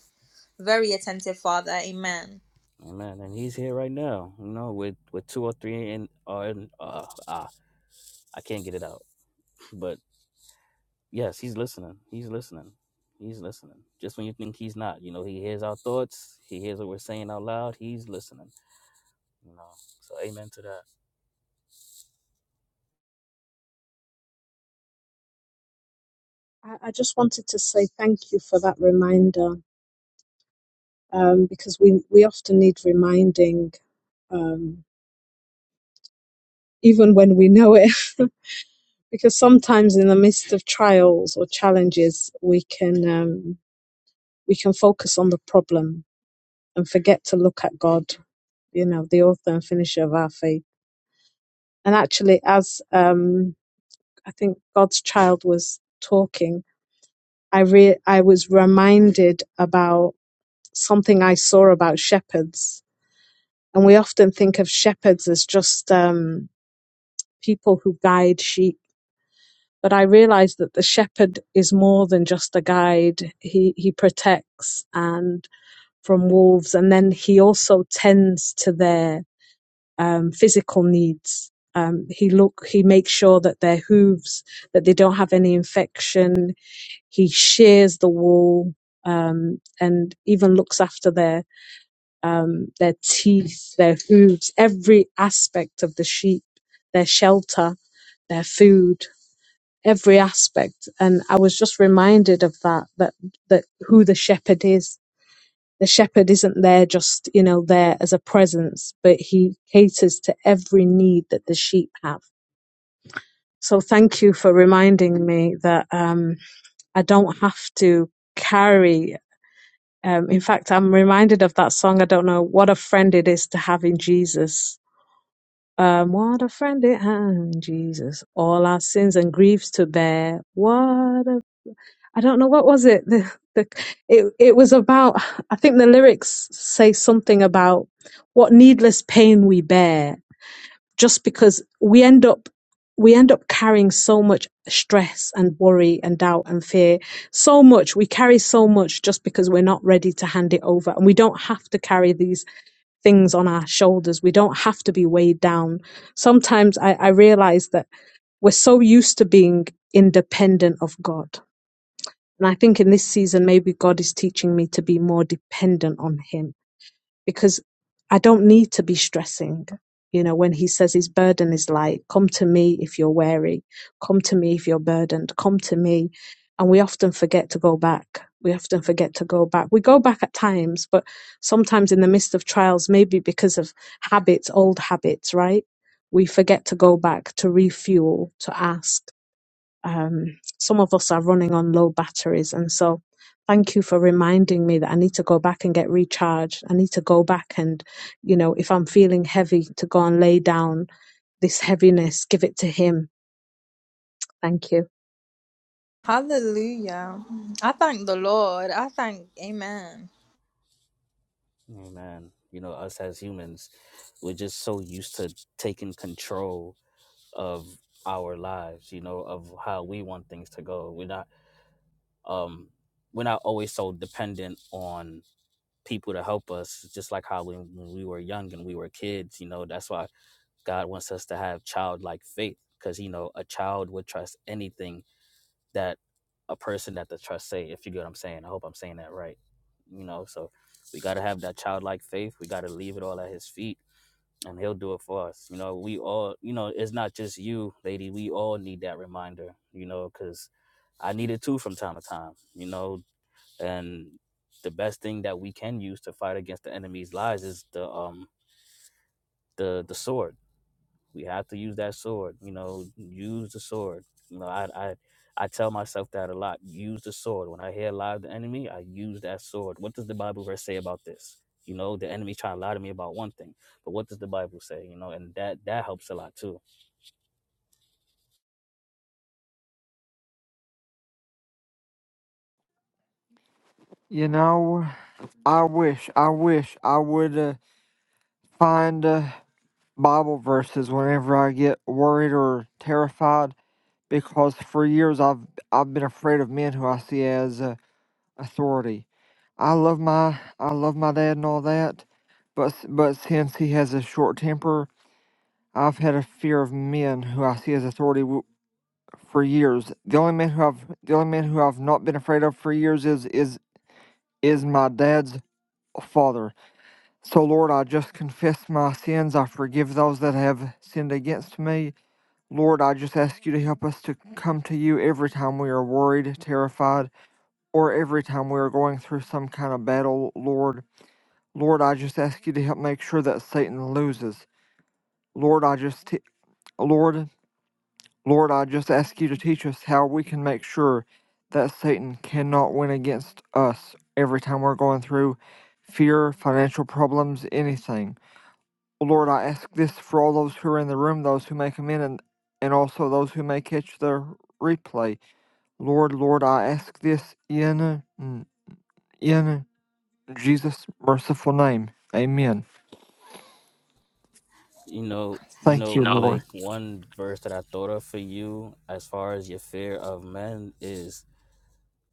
Speaker 2: Very attentive father. Amen.
Speaker 3: Amen. And he's here right now, you know, with, with two or three in, are in uh, ah, I can't get it out. But yes, he's listening. He's listening. He's listening. Just when you think he's not, you know, he hears our thoughts. He hears what we're saying out loud. He's listening. You know, so amen to that.
Speaker 4: I, I just wanted to say thank you for that reminder um, because we, we often need reminding, um, even when we know it, <laughs> because sometimes in the midst of trials or challenges, we can, um, we can focus on the problem and forget to look at God you know, the author and finisher of our faith. And actually, as um, I think God's child was talking, I re- I was reminded about something I saw about shepherds, and we often think of shepherds as just um, people who guide sheep. But I realized that the shepherd is more than just a guide. He he protects and from wolves, and then he also tends to their um, physical needs. Um, he look he makes sure that their hooves that they don't have any infection. He shears the wool um, and even looks after their um, their teeth, their hooves, every aspect of the sheep, their shelter, their food, every aspect. And I was just reminded of that that that who the shepherd is the shepherd isn't there just, you know, there as a presence, but he caters to every need that the sheep have. So thank you for reminding me that um, I don't have to carry. Um, in fact, I'm reminded of that song. I don't know what a friend it is to have in Jesus. Um, what a friend it has in Jesus. All our sins and griefs to bear. What I don't know what was it. The, the it it was about. I think the lyrics say something about what needless pain we bear just because we end up we end up carrying so much stress and worry and doubt and fear so much we carry so much just because we're not ready to hand it over and we don't have to carry these things on our shoulders we don't have to be weighed down sometimes i, I realize that we're so used to being independent of god and I think in this season, maybe God is teaching me to be more dependent on Him because I don't need to be stressing. You know, when He says His burden is light, come to me if you're weary, come to me if you're burdened, come to me. And we often forget to go back. We often forget to go back. We go back at times, but sometimes in the midst of trials, maybe because of habits, old habits, right? We forget to go back, to refuel, to ask um, some of us are running on low batteries. And so, thank you for reminding me that I need to go back and get recharged. I need to go back and, you know, if I'm feeling heavy, to go and lay down this heaviness, give it to Him. Thank you.
Speaker 2: Hallelujah. I thank the Lord. I thank Amen.
Speaker 3: Amen. You know, us as humans, we're just so used to taking control of our lives. You know, of how we want things to go. We're not, um, we're not always so dependent on people to help us. Just like how when, when we were young and we were kids, you know, that's why God wants us to have childlike faith because you know a child would trust anything that a person that the trust say. If you get what I'm saying, I hope I'm saying that right. You know, so we gotta have that childlike faith. We gotta leave it all at His feet, and He'll do it for us. You know, we all, you know, it's not just you, lady. We all need that reminder. You know, because I need it too from time to time. You know, and the best thing that we can use to fight against the enemy's lies is the um the the sword we have to use that sword. You know, use the sword. You know, I I I tell myself that a lot. Use the sword. When I hear lie of the enemy, I use that sword. What does the Bible verse say about this? You know, the enemy trying to lie to me about one thing, but what does the Bible say? You know, and that that helps a lot too.
Speaker 1: You know, I wish, I wish I would uh, find uh, Bible verses whenever I get worried or terrified, because for years I've I've been afraid of men who I see as. Uh, authority. I love my I love my dad and all that, but s- but since he has a short temper, I've had a fear of men who I see as authority w- for years. The only man who I've the only man who I've not been afraid of for years is is is my dad's father. So Lord, I just confess my sins. I forgive those that have sinned against me. Lord, I just ask you to help us to come to you every time we are worried, terrified, or every time we are going through some kind of battle, Lord. Lord, I just ask you to help make sure that Satan loses. Lord, I just te- Lord, Lord, I just ask you to teach us how we can make sure that Satan cannot win against us every time we're going through fear, financial problems, anything. Lord, I ask this for all those who are in the room, those who may come in, and, and also those who may catch the replay. Lord, Lord, I ask this in in Jesus' merciful name. Amen.
Speaker 3: You know, you
Speaker 1: Thank
Speaker 3: know,
Speaker 1: you, Lord.
Speaker 3: Blake. One verse that I thought of for you, as far as your fear of men, is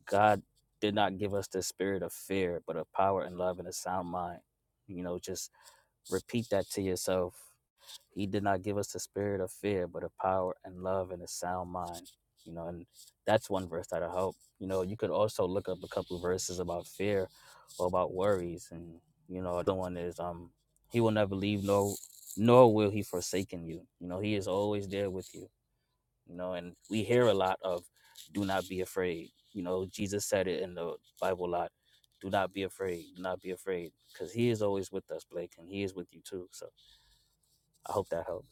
Speaker 3: God did not give us the spirit of fear, but of power and love and a sound mind. You know, just repeat that to yourself He did not give us the spirit of fear, but of power and love and a sound mind. You know, and that's one verse that'll help. You know, you could also look up a couple of verses about fear or about worries. And, you know, the one is um he will never leave no nor will he forsaken you. You know, he is always there with you. You know, and we hear a lot of do not be afraid. You know, Jesus said it in the Bible a lot. Do not be afraid. Do not be afraid. Because he is always with us, Blake, and he is with you too. So I hope that helps.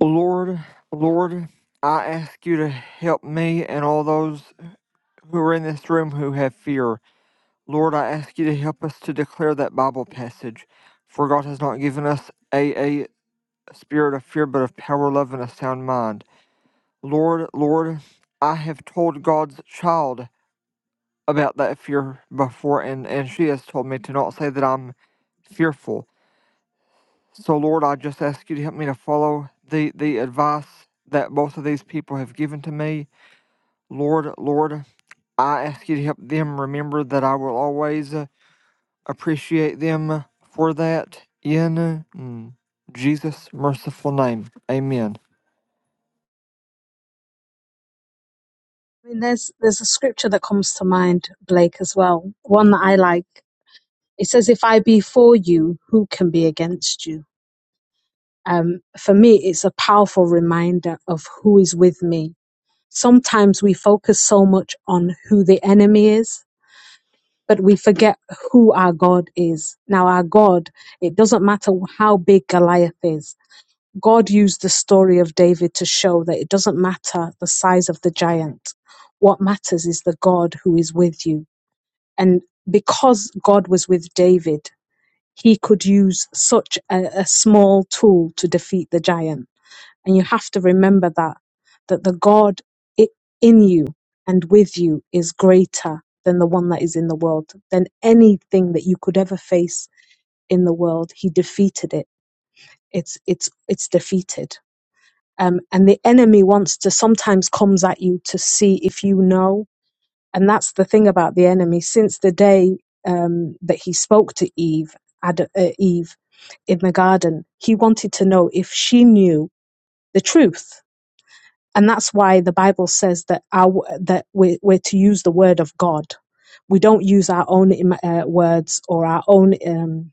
Speaker 1: Lord, Lord, I ask you to help me and all those who are in this room who have fear. Lord, I ask you to help us to declare that Bible passage. For God has not given us a, a spirit of fear, but of power, love, and a sound mind. Lord, Lord, I have told God's child about that fear before, and, and she has told me to not say that I'm fearful. So, Lord, I just ask you to help me to follow the, the advice that both of these people have given to me Lord, Lord, I ask you to help them remember that I will always uh, appreciate them for that in uh, mm, Jesus' merciful name. Amen.
Speaker 4: I mean, there's there's a scripture that comes to mind, Blake, as well. One that I like. It says, "If I be for you, who can be against you?" Um, for me, it's a powerful reminder of who is with me. Sometimes we focus so much on who the enemy is but we forget who our God is. Now, our God, it doesn't matter how big Goliath is. God used the story of David to show that it doesn't matter the size of the giant. What matters is the God who is with you. And because God was with David, he could use such a, a small tool to defeat the giant. And you have to remember that, that the God i- in you and with you is greater than the one that is in the world, than anything that you could ever face in the world. He defeated it. It's, it's, it's defeated. Um, and the enemy wants to sometimes comes at you to see if you know. And that's the thing about the enemy. Since the day um, that he spoke to Eve, Ad, uh, Eve in the garden, he wanted to know if she knew the truth and that's why the bible says that our that we we're to use the word of god we don't use our own im- uh, words or our own um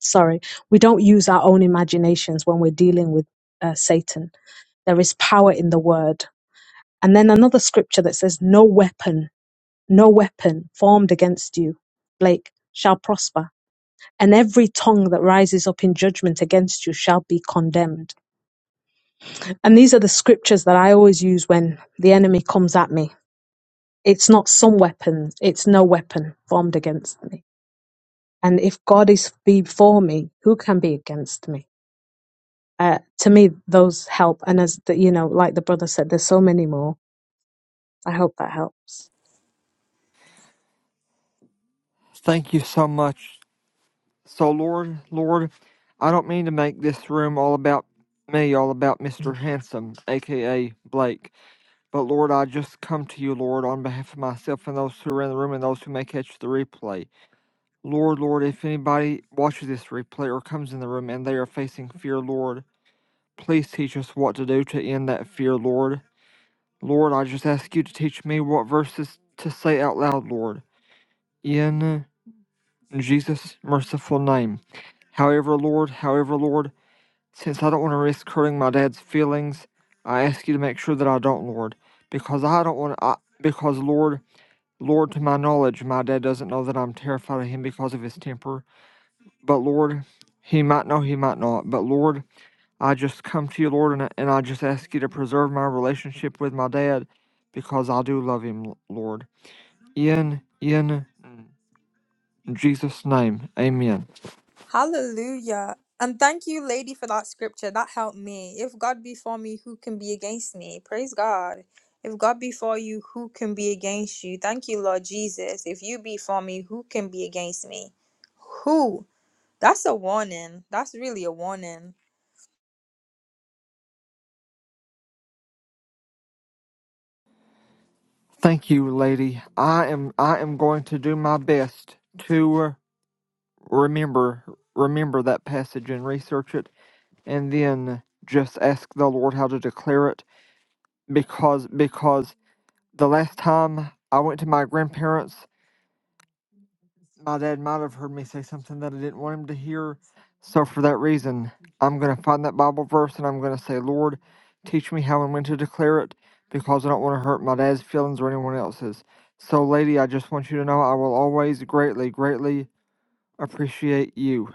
Speaker 4: sorry we don't use our own imaginations when we're dealing with uh, satan there is power in the word and then another scripture that says no weapon no weapon formed against you blake shall prosper and every tongue that rises up in judgment against you shall be condemned and these are the scriptures that i always use when the enemy comes at me It's not some weapon, it's no weapon formed against me. And if God is before me, who can be against me? Uh, to me, those help. And as the, you know, like the brother said, there's so many more. I hope that helps.
Speaker 1: Thank you so much. So, Lord, Lord, I don't mean to make this room all about me, all about Mr. Handsome, aka Blake, but Lord, I just come to you, Lord, on behalf of myself and those who are in the room and those who may catch the replay. Lord, Lord, if anybody watches this replay or comes in the room and they are facing fear, Lord, please teach us what to do to end that fear, Lord. Lord, I just ask you to teach me what verses to say out loud, Lord, in Jesus' merciful name. However, Lord, however, Lord, since I don't want to risk hurting my dad's feelings, I ask you to make sure that I don't, Lord, because I don't want to, I, because, Lord, Lord, to my knowledge, my dad doesn't know that I'm terrified of him because of his temper But Lord, he might know, he might not. But Lord, I just come to you, Lord, and I, and I just ask you to preserve my relationship with my dad because I do love him, Lord. In in Jesus' name, Amen.
Speaker 2: Hallelujah. And thank you, lady, for that scripture. That helped me. If God be for me, who can be against me? Praise God. If God be for you, who can be against you? Thank you, Lord Jesus. If you be for me, who can be against me? Who? That's a warning. That's really a warning.
Speaker 1: Thank you, lady. I am I am going to do my best to uh, remember remember that passage and research it, and then just ask the Lord how to declare it because because the last time I went to my grandparents My dad might have heard me say something that I didn't want him to hear. So, for that reason, I'm going to find that Bible verse and I'm going to say, Lord, teach me how and when to declare it because I don't want to hurt my dad's feelings or anyone else's. So, lady, I just want you to know I will always greatly, greatly appreciate you.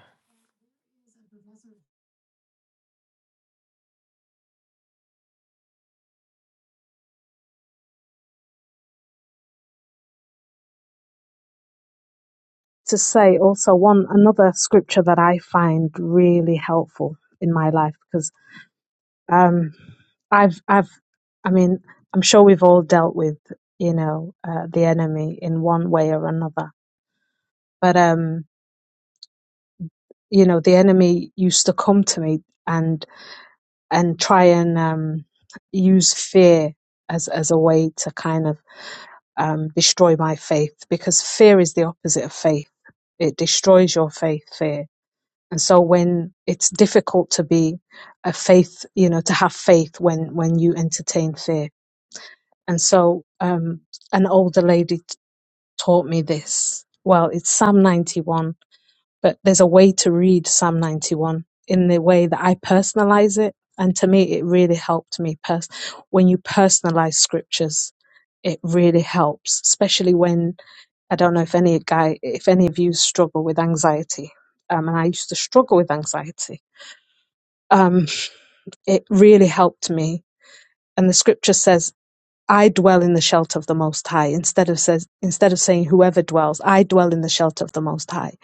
Speaker 4: To say also one another scripture that I find really helpful in my life because um, I've I've I mean I'm sure we've all dealt with you know uh, the enemy in one way or another. But um, you know the enemy used to come to me and and try and um, use fear as as a way to kind of um, destroy my faith because fear is the opposite of faith it destroys your faith fear and so when it's difficult to be a faith you know to have faith when when you entertain fear and so um an older lady t- taught me this well it's psalm 91 but there's a way to read Psalm 91 in the way that I personalize it. And to me, it really helped me. Pers- when you personalize scriptures, it really helps, especially when I don't know if any guy, if any of you struggle with anxiety. Um, and I used to struggle with anxiety. Um, it really helped me. And the scripture says I dwell in the shelter of the Most High. Instead of says, instead of saying whoever dwells, I dwell in the shelter of the Most High.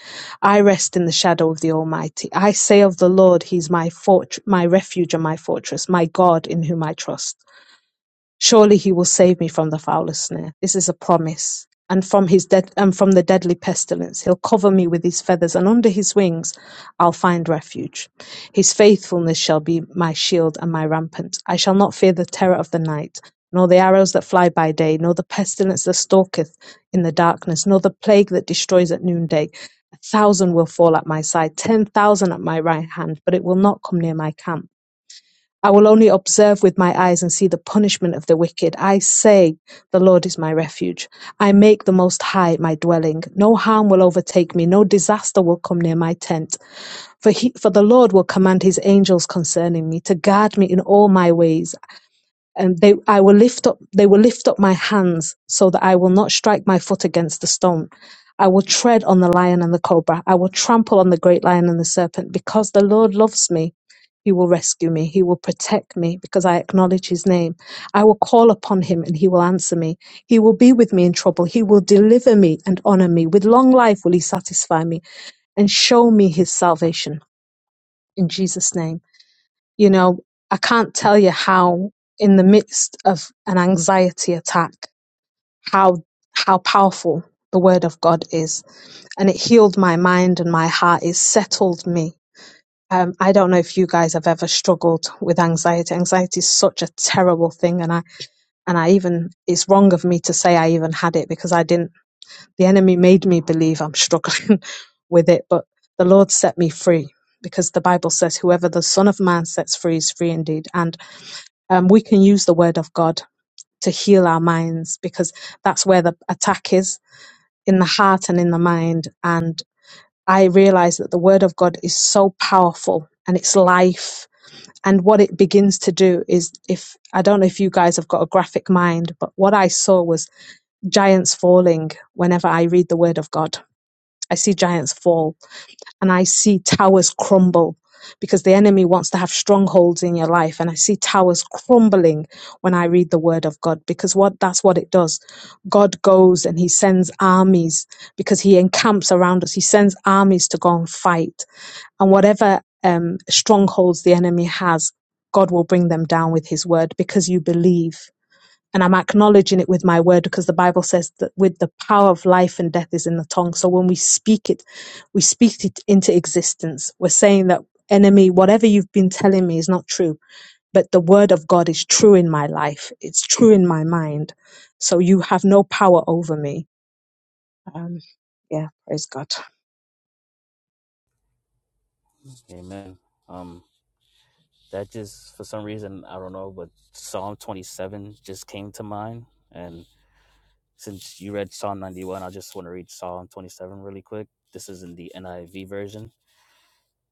Speaker 4: I rest in the shadow of the Almighty. I say of the Lord, He's my fort, my refuge and my fortress, my God in whom I trust. Surely he will save me from the foulest snare. This is a promise. And from his dead and from the deadly pestilence. He'll cover me with his feathers, and under his wings I'll find refuge. His faithfulness shall be my shield and my rampant. I shall not fear the terror of the night, nor the arrows that fly by day, nor the pestilence that stalketh in the darkness, nor the plague that destroys at noonday. A thousand will fall at my side, ten thousand at my right hand, but it will not come near my camp. I will only observe with my eyes and see the punishment of the wicked. I say, The Lord is my refuge. I make the Most High my dwelling. No harm will overtake me, no disaster will come near my tent. For, he, for the Lord will command his angels concerning me, to guard me in all my ways and they I will lift up they will lift up my hands so that I will not strike my foot against the stone. I will tread on the lion and the cobra. I will trample on the great lion and the serpent because the Lord loves me. He will rescue me. He will protect me because I acknowledge his name. I will call upon him and he will answer me. He will be with me in trouble. He will deliver me and honor me. With long life will he satisfy me and show me his salvation. In Jesus' name. You know, I can't tell you how, in the midst of an anxiety attack, how how powerful the word of God is, and it healed my mind and my heart. It settled me. Um, I don't know if you guys have ever struggled with anxiety. Anxiety is such a terrible thing, and I and I even it's wrong of me to say I even had it because I didn't. The enemy made me believe I'm struggling <laughs> with it, but the Lord set me free because the Bible says, "Whoever the Son of Man sets free is free indeed." And um, we can use the word of God to heal our minds because that's where the attack is in the heart and in the mind. And I realize that the word of God is so powerful and it's life. And what it begins to do is if I don't know if you guys have got a graphic mind, but what I saw was giants falling whenever I read the word of God. I see giants fall and I see towers crumble because the enemy wants to have strongholds in your life. And I see towers crumbling when I read the word of God because what that's what it does. God goes and he sends armies because he encamps around us. He sends armies to go and fight. And whatever um, strongholds the enemy has, God will bring them down with his word because you believe and I'm acknowledging it with my word because the Bible says that with the power of life and death is in the tongue. So when we speak it, we speak it into existence. We're saying that enemy, whatever you've been telling me is not true, but the word of God is true in my life. It's true in my mind. So you have no power over me. Um, yeah, praise God.
Speaker 3: Amen. Um, that just for some reason I don't know, but Psalm 27 just came to mind. And since you read Psalm 91, I just want to read Psalm 27 really quick. This is in the NIV version.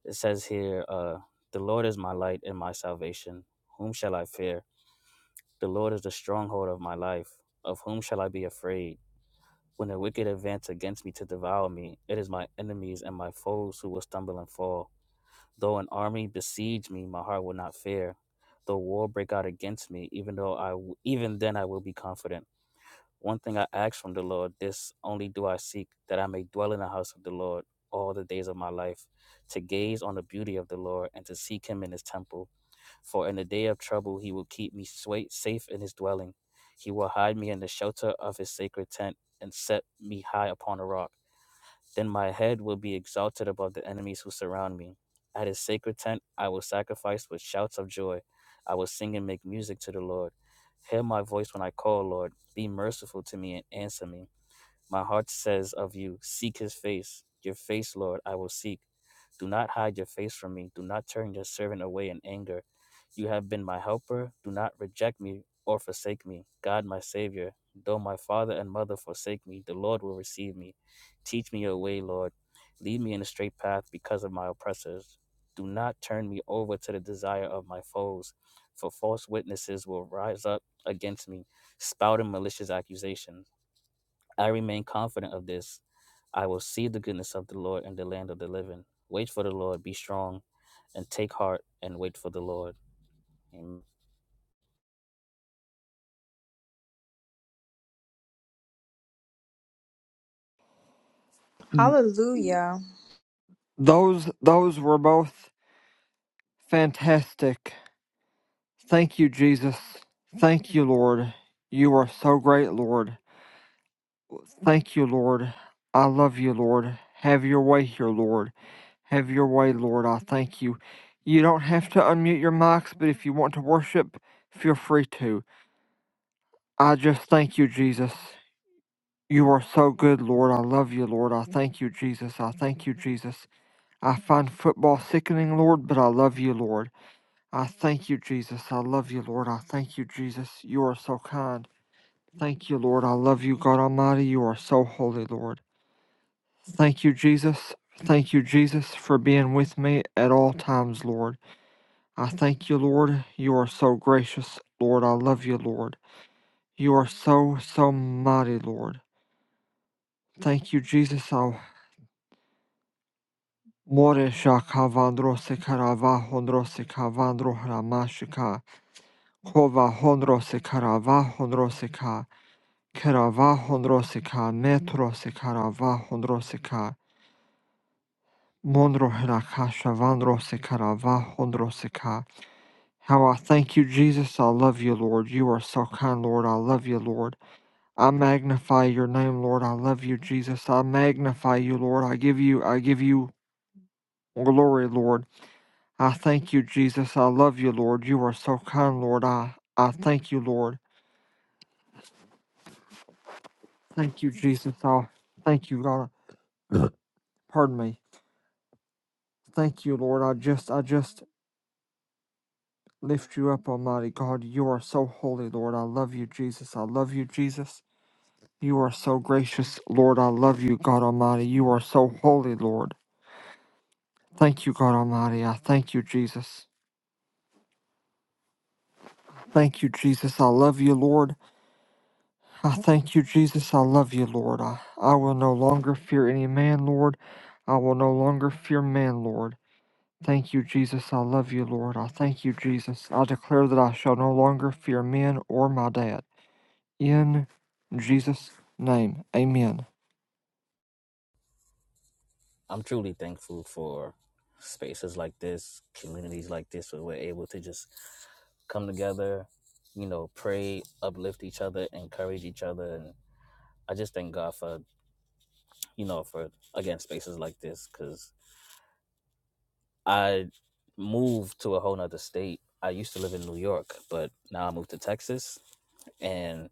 Speaker 3: It says here, uh, "The Lord is my light and my salvation. Whom shall I fear? The Lord is the stronghold of my life. Of whom shall I be afraid? When the wicked advance against me to devour me, it is my enemies and my foes who will stumble and fall. Though an army besiege me, my heart will not fear. Though war break out against me, even though I w- even then I will be confident. One thing I ask from the Lord, this only do I seek, that I may dwell in the house of the Lord all the days of my life, to gaze on the beauty of the Lord and to seek him in his temple. For in the day of trouble he will keep me sway- safe in his dwelling. He will hide me in the shelter of his sacred tent and set me high upon a rock. Then my head will be exalted above the enemies who surround me. At his sacred tent, I will sacrifice with shouts of joy. I will sing and make music to the Lord. Hear my voice when I call, Lord. Be merciful to me and answer me. My heart says of you, Seek his face. Your face, Lord, I will seek. Do not hide your face from me. Do not turn your servant away in anger. You have been my helper. Do not reject me or forsake me. God, my Savior, though my father and mother forsake me, the Lord will receive me. Teach me your way, Lord. Lead me in a straight path because of my oppressors. Do not turn me over to the desire of my foes, for false witnesses will rise up against me, spouting malicious accusations. I remain confident of this I will see the goodness of the Lord in the land of the living. Wait for the Lord, be strong, and take heart and wait for the Lord. Amen.
Speaker 2: Hallelujah.
Speaker 1: Those, those were both fantastic. Thank you, Jesus. Thank you, Lord. You are so great, Lord. Thank you, Lord. I love you, Lord. Have your way here, Lord. Have your way, Lord. I thank you. You don't have to unmute your mics, but if you want to worship, feel free to. I just thank you, Jesus. You are so good, Lord. I love you, Lord. I thank you, Jesus. I thank you, Jesus. I find football sickening, Lord, but I love you, Lord. I thank you, Jesus. I love you, Lord. I thank you, Jesus. You are so kind. Thank you, Lord. I love you, God Almighty. You are so holy, Lord. Thank you, Jesus. Thank you, Jesus, for being with me at all times, Lord. I thank you, Lord. You are so gracious, Lord. I love you, Lord. You are so, so mighty, Lord. Thank you, Jesus. Oh, Kova hondro sekarava How I thank you, Jesus. I love you, Lord. You are so kind, Lord. I love you, Lord. I magnify your name, Lord. I love you, Jesus. I magnify you, Lord. I give you, I give you glory, Lord. I thank you, Jesus. I love you, Lord. You are so kind, Lord. I, I thank you, Lord. Thank you, Jesus. I thank you, God. Pardon me. Thank you, Lord. I just, I just lift you up, Almighty God. You are so holy, Lord. I love you, Jesus. I love you, Jesus. You are so gracious, Lord. I love you, God Almighty. You are so holy, Lord. Thank you, God Almighty. I thank you, Jesus. Thank you, Jesus. I love you, Lord. I thank you, Jesus. I love you, Lord. I, I will no longer fear any man, Lord. I will no longer fear man, Lord. Thank you, Jesus. I love you, Lord. I thank you, Jesus. I declare that I shall no longer fear men or my dad. In Jesus' name, amen.
Speaker 3: I'm truly thankful for spaces like this, communities like this, where we're able to just come together, you know, pray, uplift each other, encourage each other. And I just thank God for, you know, for again, spaces like this, because I moved to a whole nother state. I used to live in New York, but now I moved to Texas and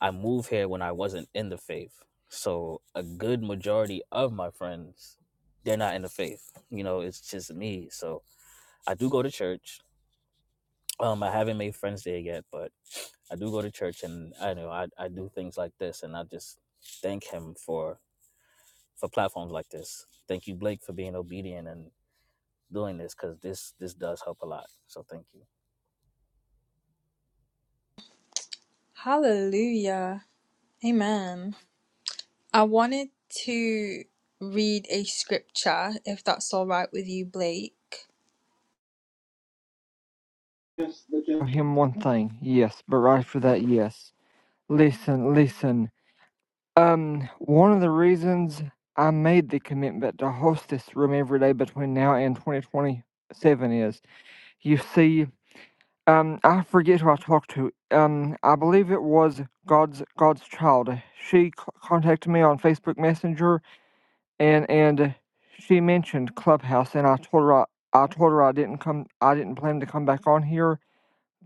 Speaker 3: I moved here when I wasn't in the faith. So a good majority of my friends, they're not in the faith. You know, it's just me. So I do go to church. Um, I haven't made friends there yet, but I do go to church, and I know I, I do things like this, and I just thank him for for platforms like this. Thank you, Blake, for being obedient and doing this because this this does help a lot. So thank you.
Speaker 2: Hallelujah. Amen. I wanted to read a scripture, if that's all right with you, Blake. Yes, they
Speaker 1: Of Him one thing, yes, but right for that, yes. Listen, listen. Um, one of the reasons I made the commitment to host this room every day between now and 2027 is, you see, um, I forget who I talked to. Um, I believe it was God's God's child. She c- contacted me on Facebook Messenger, and and she mentioned Clubhouse, and I told her I, I told her I didn't come, I didn't plan to come back on here.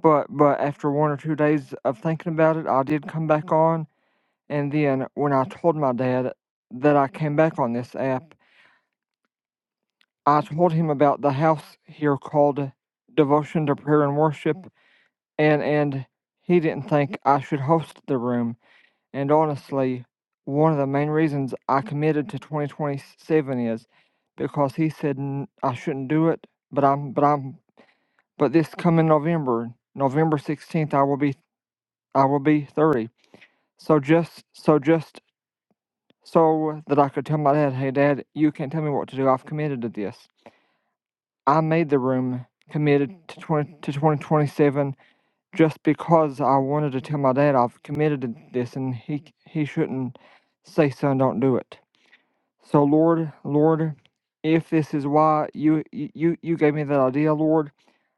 Speaker 1: But but after one or two days of thinking about it, I did come back on and then when I told my dad that I came back on this app, I told him about the house here called Devotion to Prayer and Worship, and and he didn't think I should host the room. And honestly, one of the main reasons I committed to 2027 is because he said I I shouldn't do it, but I'm but I'm but this coming November, November 16th, I will be I will be 30. So just so just so that I could tell my dad, hey, dad, you can't tell me what to do. I've committed to this. I made the room committed to 20, to 2027 just because I wanted to tell my dad I've committed to this and he, he shouldn't say, son, don't do it. So, Lord, Lord, if this is why you, you, you gave me that idea, Lord,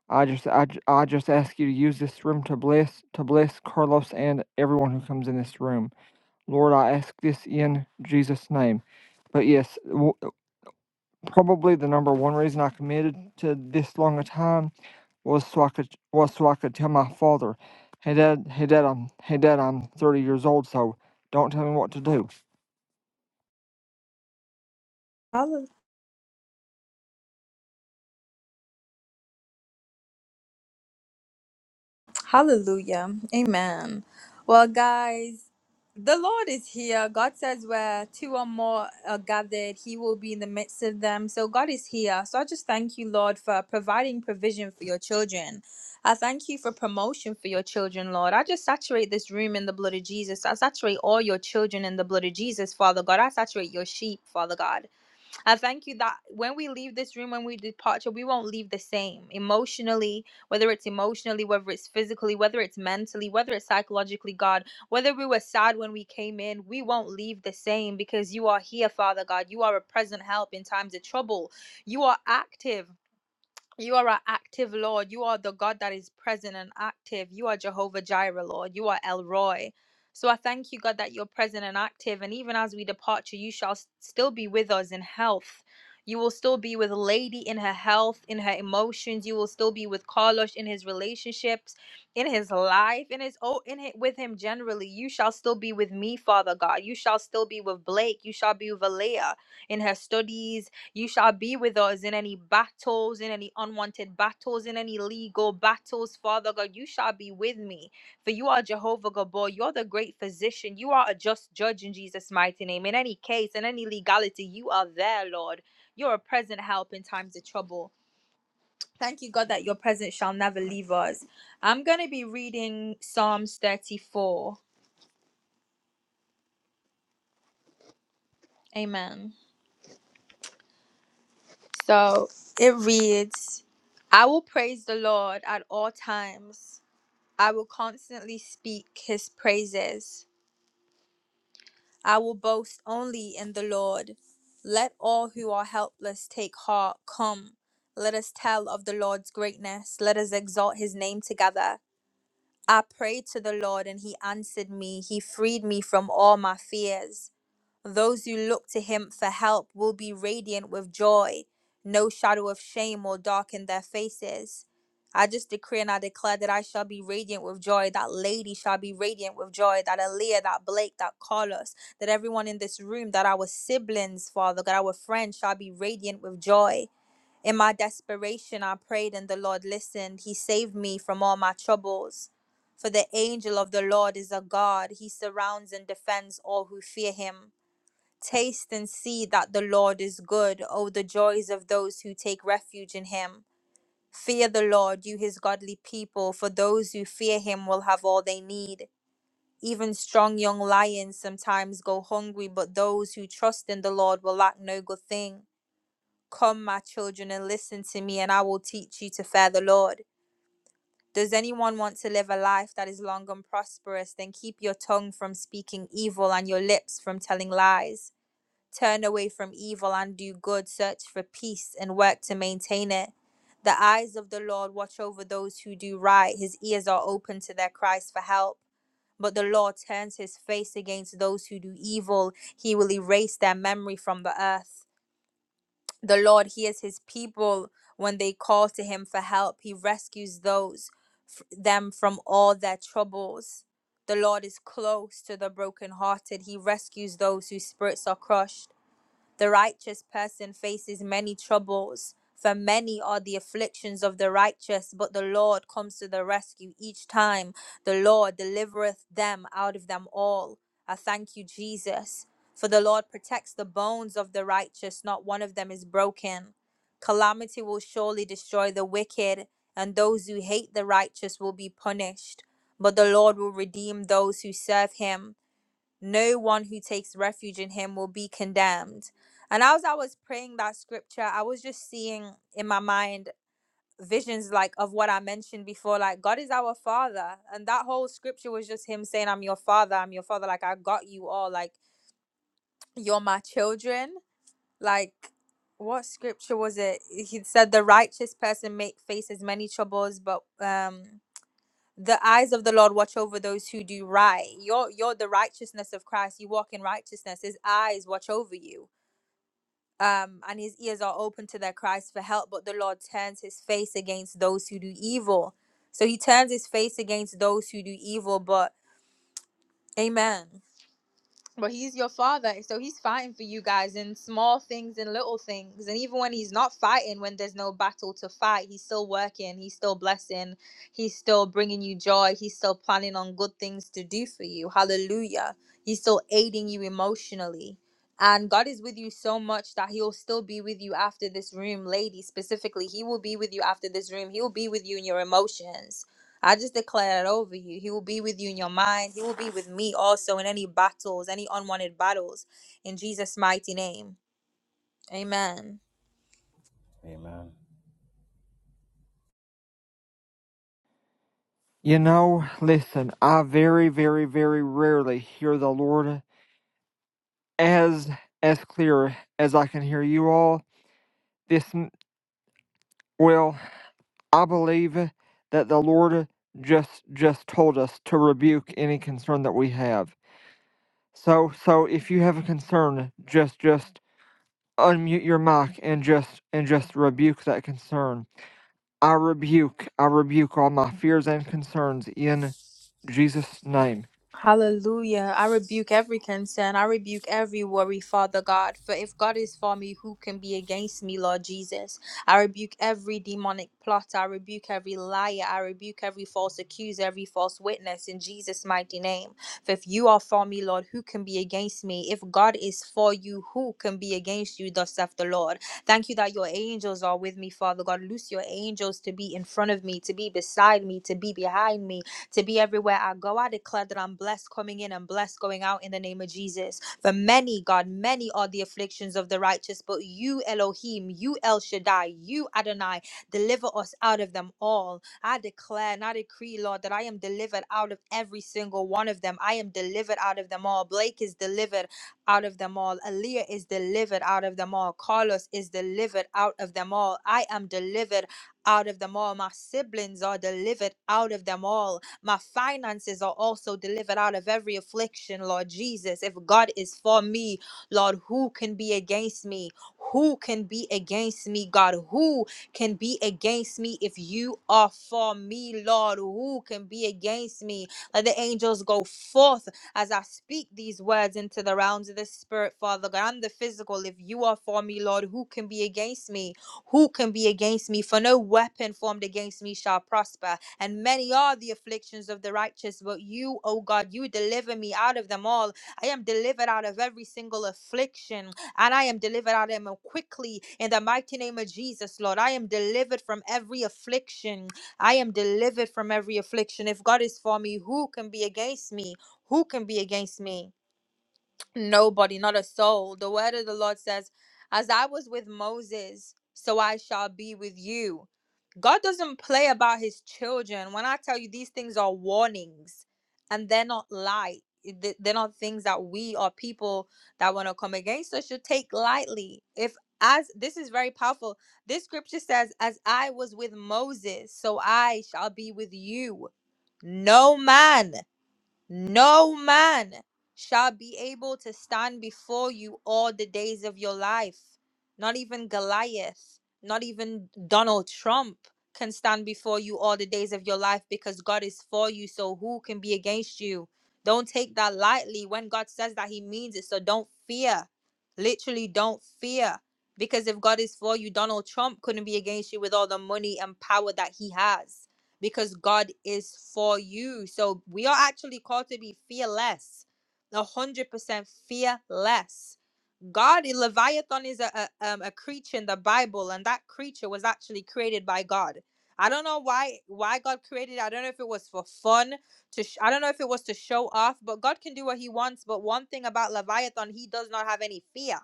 Speaker 1: I just, I, j- I just ask you to use this room to bless, to bless Carlos and everyone who comes in this room. Lord, I ask this in Jesus' name. But yes, w- Probably the number one reason I committed to this long a time was so I could was so I could tell my father, "Hey Dad, hey Dad, I'm hey Dad, I'm 30 years old, so don't tell me what to do."
Speaker 2: can. Hallelujah. Amen. Well, guys, the Lord is here. God says where two or more are gathered, He will be in the midst of them. So God is here. So I just thank you, Lord, for providing provision for your children. I thank you for promotion for your children, Lord. I just saturate this room in the blood of Jesus. I saturate all your children in the blood of Jesus, Father God. I saturate your sheep, Father God. I thank you that when we leave this room, when we departure, we won't leave the same emotionally, whether it's emotionally, whether it's physically, whether it's mentally, whether it's psychologically, God, whether we were sad when we came in, we won't leave the same because you are here, Father God. You are a present help in times of trouble. You are active. You are our active Lord. You are the God that is present and active. You are Jehovah Jireh, Lord. You are El Roy. So I thank you, God, that you're present and active. And even as we depart, you shall s- still be with us in health. You will still be with Lady in her health, in her emotions. You will still be with Carlos in his relationships, in his life, in his oh, in it with him generally. You shall still be with me, Father God. You shall still be with Blake. You shall be with Alea in her studies you shall be with us in any battles, in any unwanted battles, in any legal battles, Father God. You shall be with me. For you are Jehovah Gabor. You're the great physician. You are a just judge in Jesus' mighty name. In any case, in any legality, you are there, Lord. You're a present help in times of trouble. Thank you, God, that your presence shall never leave us. I'm going to be reading Psalms 34. Amen. So it reads, I will praise the Lord at all times. I will constantly speak his praises. I will boast only in the Lord. Let all who are helpless take heart. Come, let us tell of the Lord's greatness. Let us exalt his name together. I prayed to the Lord, and he answered me. He freed me from all my fears. Those who look to him for help will be radiant with joy. No shadow of shame will darken their faces. I just decree and I declare that I shall be radiant with joy, that lady shall be radiant with joy, that Aaliyah, that Blake, that Carlos, that everyone in this room, that our siblings, Father, that our friends shall be radiant with joy. In my desperation, I prayed and the Lord listened. He saved me from all my troubles. For the angel of the Lord is a God, he surrounds and defends all who fear him. Taste and see that the Lord is good. Oh, the joys of those who take refuge in him. Fear the Lord, you his godly people, for those who fear him will have all they need. Even strong young lions sometimes go hungry, but those who trust in the Lord will lack no good thing. Come, my children, and listen to me, and I will teach you to fear the Lord. Does anyone want to live a life that is long and prosperous? Then keep your tongue from speaking evil and your lips from telling lies. Turn away from evil and do good, search for peace and work to maintain it. The eyes of the Lord watch over those who do right, his ears are open to their cries for help. But the Lord turns his face against those who do evil, he will erase their memory from the earth. The Lord hears his people when they call to him for help, he rescues those f- them from all their troubles. The Lord is close to the brokenhearted, he rescues those whose spirits are crushed. The righteous person faces many troubles, for many are the afflictions of the righteous, but the Lord comes to the rescue each time. The Lord delivereth them out of them all. I thank you, Jesus, for the Lord protects the bones of the righteous, not one of them is broken. Calamity will surely destroy the wicked, and those who hate the righteous will be punished. But the Lord will redeem those who serve him no one who takes refuge in him will be condemned. And as I was praying that scripture, I was just seeing in my mind visions like of what I mentioned before, like God is our father. And that whole scripture was just him saying, I'm your father, I'm your father, like I got you all, like you're my children. Like what scripture was it? He said the righteous person make faces many troubles, but um the eyes of the Lord watch over those who do right. You're you're the righteousness of Christ. You walk in righteousness. His eyes watch over you. Um, and his ears are open to their cries for help, but the Lord turns his face against those who do evil. So he turns his face against those who do evil, but amen but he's your father so he's fighting for you guys in small things and little things and even when he's not fighting when there's no battle to fight he's still working he's still blessing he's still bringing you joy he's still planning on good things to do for you hallelujah he's still aiding you emotionally and god is with you so much that he'll still be with you after this room lady specifically he will be with you after this room he'll be with you in your emotions I just declare that over you. He will be with you in your mind. He will be with me also in any battles, any unwanted battles. In Jesus' mighty name. Amen.
Speaker 3: Amen.
Speaker 1: You know, listen, I very, very, very rarely hear the Lord as as clear as I can hear you all. This well, I believe that the Lord just just told us to rebuke any concern that we have. So so if you have a concern, just just unmute your mic and just and just rebuke that concern. I rebuke, I rebuke all my fears and concerns in Jesus' name.
Speaker 2: Hallelujah. I rebuke every concern. I rebuke every worry, Father God. For if God is for me, who can be against me, Lord Jesus? I rebuke every demonic plot. I rebuke every liar. I rebuke every false accuser, every false witness in Jesus' mighty name. For if you are for me, Lord, who can be against me? If God is for you, who can be against you, thus saith the Lord? Thank you that your angels are with me, Father God. Loose your angels to be in front of me, to be beside me, to be behind me, to be everywhere I go. I declare that I'm blessed coming in and blessed going out in the name of Jesus. For many, God, many are the afflictions of the righteous, but you, Elohim, you, El Shaddai, you, Adonai, deliver us out of them all. I declare and I decree, Lord, that I am delivered out of every single one of them. I am delivered out of them all. Blake is delivered out of them all. Aaliyah is delivered out of them all. Carlos is delivered out of them all. I am delivered out of them all. My siblings are delivered out of them all my finances are also delivered out of every affliction, Lord Jesus. If God is for me, Lord, who can be against me? Who can be against me, God? Who can be against me if you are for me, Lord? Who can be against me? Let the angels go forth as I speak these words into the realms of the spirit, Father God. and the physical. If you are for me, Lord, who can be against me? Who can be against me? For no weapon formed against me shall prosper and many are the afflictions of the righteous, but you, O God, you deliver me out of them all. I am delivered out of every single affliction, and I am delivered out of them quickly in the mighty name of Jesus, Lord. I am delivered from every affliction. I am delivered from every affliction. If God is for me, who can be against me? Who can be against me? Nobody, not a soul. The word of the Lord says, As I was with Moses, so I shall be with you. God doesn't play about his children. When I tell you these things are warnings and they're not light, th- they're not things that we or people that want to come against us should take lightly. If, as this is very powerful, this scripture says, As I was with Moses, so I shall be with you. No man. No man shall be able to stand before you all the days of your life. Not even Goliath, not even Donald Trump can stand before you all the days of your life because God is for you. So who can be against you? Don't take that lightly. When God says that, He means it. So don't fear. Literally, don't fear. Because if God is for you, Donald Trump couldn't be against you with all the money and power that he has because God is for you. So we are actually called to be fearless, a hundred percent fearless. God, Leviathan is a, a um, a creature in the Bible, and that creature was actually created by God. I don't know why why God created. it. I don't know if it was for fun to. Sh- I don't know if it was to show off. But God can do what He wants. But one thing about Leviathan, he does not have any fear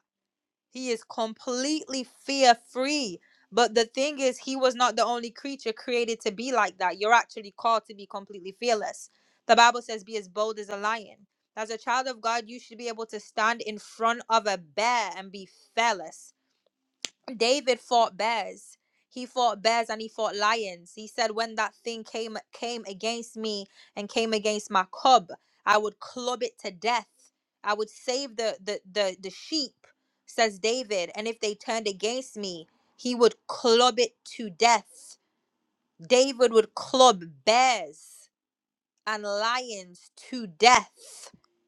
Speaker 2: he is completely fear free. But the thing is, he was not the only creature created to be like that. You're actually called to be completely fearless. The Bible says, be as bold as a lion. As a child of God, you should be able to stand in front of a bear and be fearless. David fought bears. He fought bears and he fought lions. He said, "When that thing came came against me and came against my cub, I would club it to death. I would save the the the, the sheep," says David. And if they turned against me, he would club it to death. David would club bears and lions to death.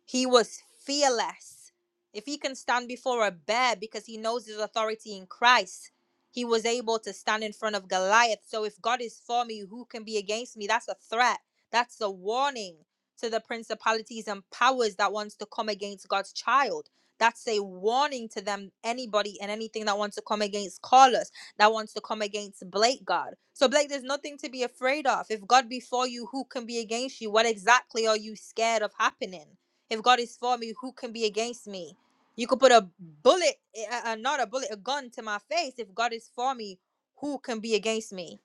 Speaker 2: He was fearless. If he can stand before a bear because he knows his authority in Christ, he was able to stand in front of Goliath. So if God is for me, who can be against me? That's a threat. That's a warning to the principalities and powers that wants to come against God's child. That's a warning to them, anybody and anything that wants to come against Carlos that wants to come against Blake God. So Blake, there's nothing to be afraid of. If God be for you, who can be against you? What exactly are you scared of happening? If God is for me, who can be against me? You could put a bullet, uh, uh, not a bullet, a gun to my face. If God is for me, who can be against me?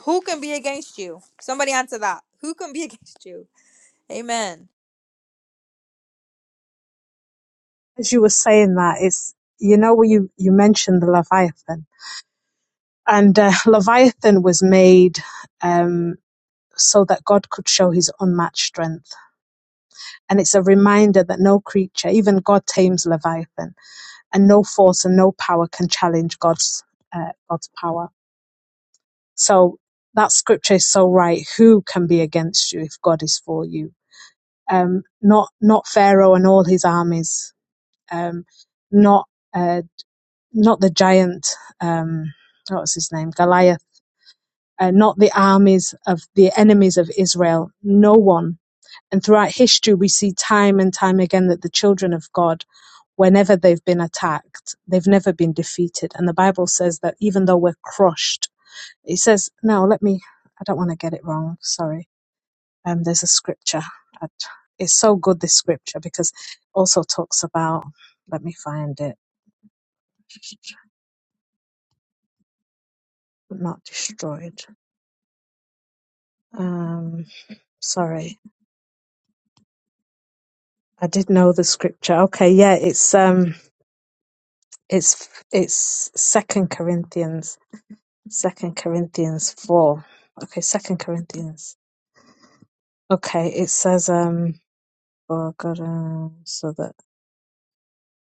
Speaker 2: Who can be against you? Somebody answer that. Who can be <laughs> against you? Amen.
Speaker 4: As you were saying that, it's, you know, when you, you mentioned the Leviathan and uh, <laughs> Leviathan was made, um, so that God could show his unmatched strength And it's a reminder that no creature, even God tames Leviathan, and no force and no power can challenge God's uh, God's power. So that scripture is so right. Who can be against you if God is for you? Um, not not Pharaoh and all his armies. Um, not uh, not the giant. Um, what was his name? Goliath. Uh, not the armies of the enemies of Israel. No one And throughout history, we see time and time again that the children of God, whenever they've been attacked, they've never been defeated. And the Bible says that even though we're crushed, it says, no, let me, I don't want to get it wrong. Sorry. Um, there's a scripture. It's so good, this scripture, because it also talks about, let me find it, <laughs> not destroyed. Um, sorry. I did know the scripture. Okay. Yeah. It's, um, it's, it's second Corinthians Second Corinthians four. Okay, Second Corinthians. Okay, it says, um, for God, uh, so that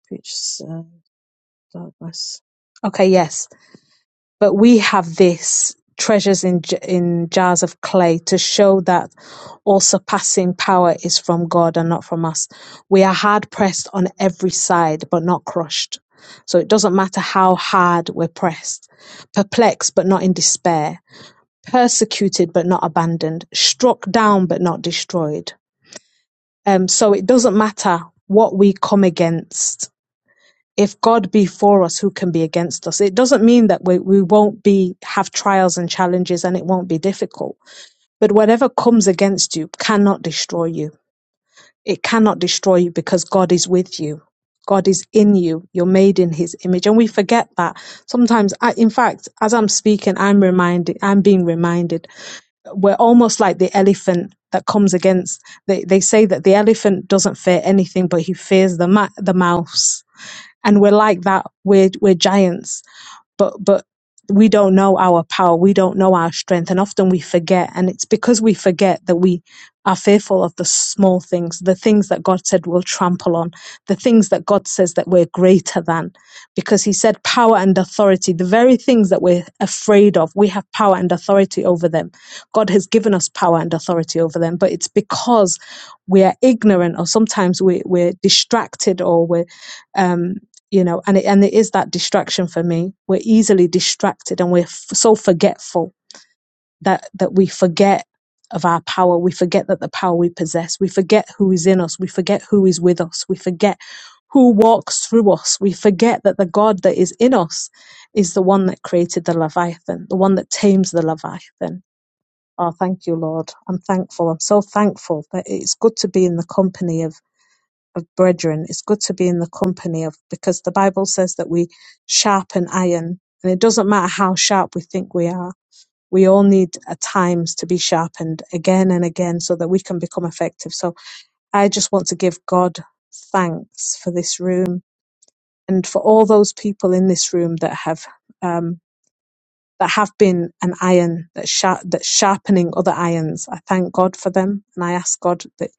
Speaker 4: preaches uh, darkness. Okay, yes, but we have this treasures in j- in jars of clay to show that all surpassing power is from God and not from us. We are hard pressed on every side, but not crushed. So it doesn't matter how hard we're pressed, perplexed but not in despair persecuted but not abandoned, struck down but not destroyed. Um, so it doesn't matter what we come against. If God be for us, who can be against us? It doesn't mean that we, we won't be have trials and challenges and it won't be difficult. But whatever comes against you cannot destroy you. It cannot destroy you because God is with you. God is in you. You're made in his image. And we forget that sometimes. I, in fact, as I'm speaking, I'm reminded, I'm being reminded we're almost like the elephant that comes against they, they say that the elephant doesn't fear anything but he fears the ma- the mouse and we're like that we're we're giants but but we don't know our power we don't know our strength and often we forget and it's because we forget that we are fearful of the small things the things that god said we'll trample on the things that god says that we're greater than because he said power and authority the very things that we're afraid of we have power and authority over them god has given us power and authority over them but it's because we are ignorant or sometimes we, we're distracted or we're um, you know and it, and it is that distraction for me we're easily distracted and we're f- so forgetful that that we forget of our power we forget that the power we possess we forget who is in us we forget who is with us we forget who walks through us we forget that the god that is in us is the one that created the leviathan the one that tames the leviathan oh thank you lord i'm thankful i'm so thankful that it's good to be in the company of of brethren, it's good to be in the company of, because the Bible says that we sharpen iron, and it doesn't matter how sharp we think we are. We all need at times to be sharpened again and again so that we can become effective. So I just want to give God thanks for this room and for all those people in this room that have. Um, that have been an iron that's, sharp, that's sharpening other irons. I thank God for them and I ask God that,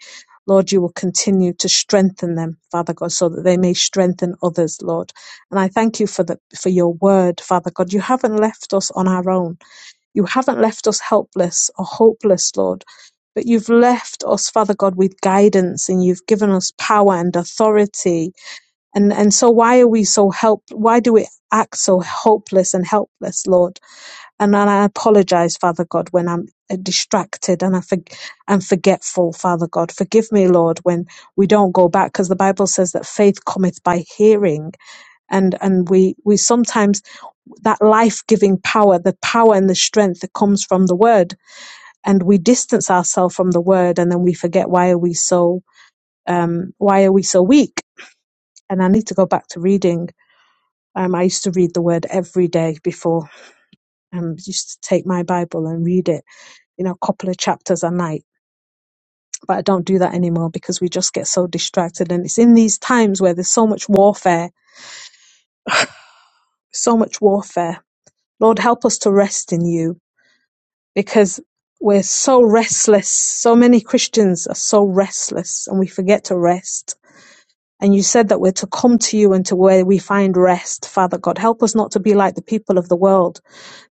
Speaker 4: Lord, you will continue to strengthen them, Father God, so that they may strengthen others, Lord. And I thank you for the, for your word, Father God. You haven't left us on our own. You haven't left us helpless or hopeless, Lord. But you've left us, Father God, with guidance and you've given us power and authority. And, and so why are we so help, why do we act so hopeless and helpless, Lord? And I apologize, Father God, when I'm uh, distracted and I for, and forgetful, Father God. Forgive me, Lord, when we don't go back, because the Bible says that faith cometh by hearing, and and we we sometimes that life giving power, the power and the strength that comes from the Word, and we distance ourselves from the Word, and then we forget why are we so um, why are we so weak? And I need to go back to reading. Um, I used to read the Word every day before. Um, used to take my Bible and read it you know, a couple of chapters a night. But I don't do that anymore because we just get so distracted. And it's in these times where there's so much warfare, so much warfare. Lord, help us to rest in you because we're so restless. So many Christians are so restless and we forget to rest. And you said that we're to come to you and to where we find rest, Father God. Help us not to be like the people of the world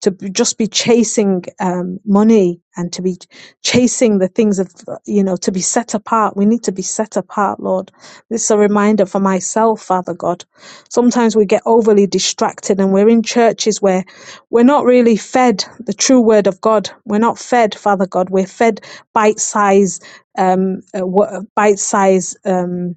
Speaker 4: to b- just be chasing um, money and to be chasing the things of, you know, to be set apart. We need to be set apart, Lord. This is a reminder for myself, Father God. Sometimes we get overly distracted and we're in churches where we're not really fed the true word of God. We're not fed, Father God. We're fed bite size, um, uh, bite size. Um,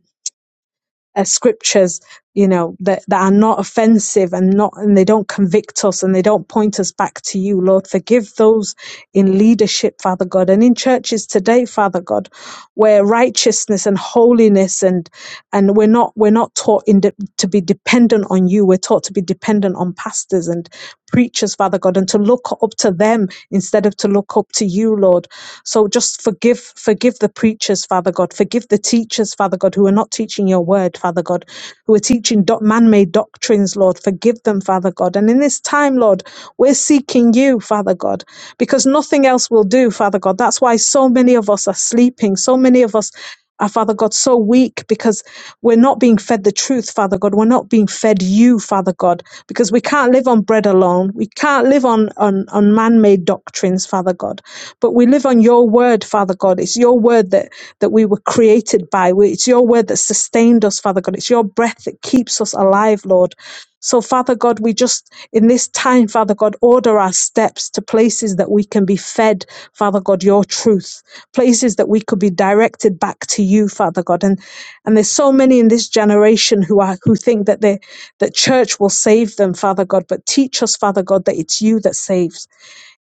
Speaker 4: uh, scriptures, you know, that, that are not offensive and not, and they don't convict us and they don't point us back to you, Lord. Forgive those in leadership, Father God, and in churches today, Father God, where righteousness and holiness and, and we're not, we're not taught in de- to be dependent on you. We're taught to be dependent on pastors and preachers, Father God, and to look up up to them instead of to look up to you, Lord. So just forgive, forgive the preachers, Father God. Forgive the teachers, Father God, who are not teaching your word, Father God, who are teaching doc- man-made doctrines, Lord. Forgive them, Father God. And in this time, Lord, we're seeking you, Father God, because nothing else will do, Father God. That's why so many of us are sleeping. So many of us. Our Father God, so weak because we're not being fed the truth, Father God. We're not being fed you, Father God, because we can't live on bread alone. We can't live on, on, on man made doctrines, Father God, but we live on your word, Father God. It's your word that, that we were created by. We- It's your word that sustained us, Father God. It's your breath that keeps us alive, Lord. So, Father God, we just, in this time, Father God, order our steps to places that we can be fed, Father God, your truth, places that we could be directed back to you, Father God. And, and there's so many in this generation who are, who think that they, that church will save them, Father God, but teach us, Father God, that it's you that saves.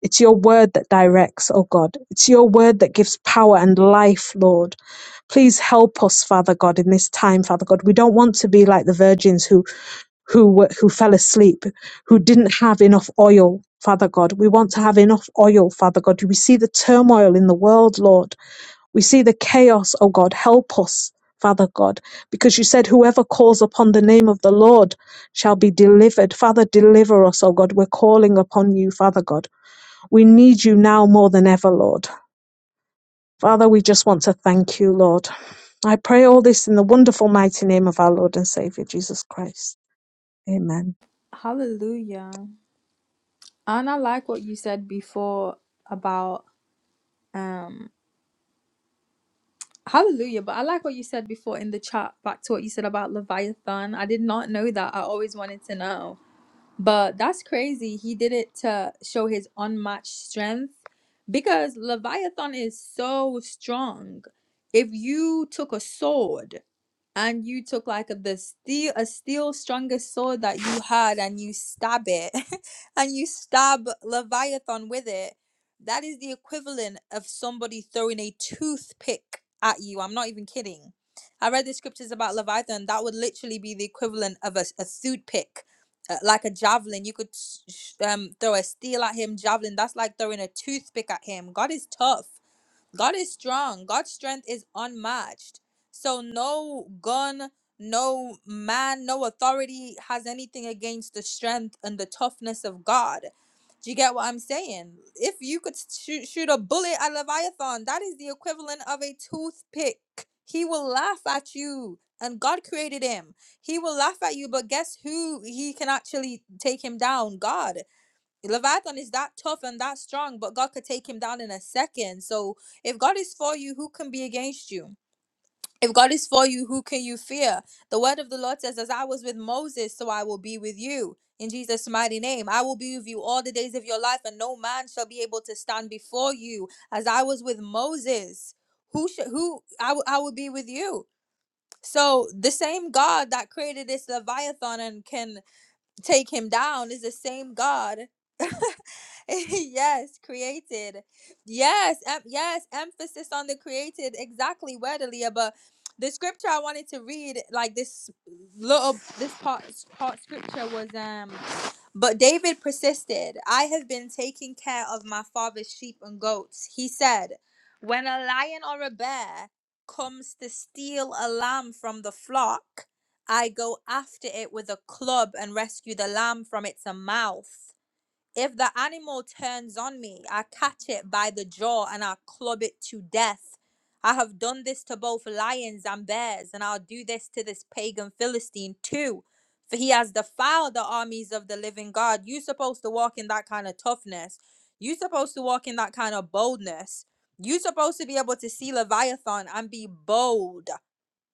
Speaker 4: It's your word that directs, oh God. It's your word that gives power and life, Lord. Please help us, Father God, in this time, Father God. We don't want to be like the virgins who who were, who fell asleep, who didn't have enough oil, Father God. We want to have enough oil, Father God. We see the turmoil in the world, Lord. We see the chaos, oh God. Help us, Father God, because you said whoever calls upon the name of the Lord shall be delivered. Father, deliver us, oh God. We're calling upon you, Father God. We need you now more than ever, Lord. Father, we just want to thank you, Lord. I pray all this in the wonderful, mighty name of our Lord and Savior, Jesus Christ. Amen.
Speaker 2: Hallelujah. And I like what you said before about um. Hallelujah. But I like what you said before in the chat, back to what you said about Leviathan. I did not know that. I always wanted to know. But that's crazy. He did it to show his unmatched strength because Leviathan is so strong. If you took a sword and you took like a, the steel a steel strongest sword that you had and you stab it <laughs> and you stab leviathan with it that is the equivalent of somebody throwing a toothpick at you i'm not even kidding i read the scriptures about leviathan that would literally be the equivalent of a, a toothpick uh, like a javelin you could s- sh- um throw a steel at him javelin that's like throwing a toothpick at him god is tough God is strong. God's strength is unmatched. So no gun, no man, no authority has anything against the strength and the toughness of God. Do you get what I'm saying? If you could shoot, shoot a bullet at Leviathan, that is the equivalent of a toothpick. He will laugh at you. And God created him. He will laugh at you, but guess who he can actually take him down? God. Leviathan is that tough and that strong, but God could take him down in a second. So if God is for you, who can be against you? If God is for you, who can you fear? The word of the Lord says, As I was with Moses, so I will be with you. In Jesus' mighty name, I will be with you all the days of your life, and no man shall be able to stand before you. As I was with Moses, who should who I w- I will be with you. So the same God that created this Leviathan and can take him down is the same God. <laughs> yes, created. Yes, em- yes, emphasis on the created. Exactly, Wedelia. But the scripture I wanted to read, like this little, this part, part scripture was, um, but David persisted. I have been taking care of my father's sheep and goats. He said, when a lion or a bear comes to steal a lamb from the flock, I go after it with a club and rescue the lamb from its mouth. If the animal turns on me, I catch it by the jaw and I club it to death. I have done this to both lions and bears, and I'll do this to this pagan Philistine too. For he has defiled the armies of the living God. you are supposed to walk in that kind of toughness. you are supposed to walk in that kind of boldness. you are supposed to be able to see Leviathan and be bold.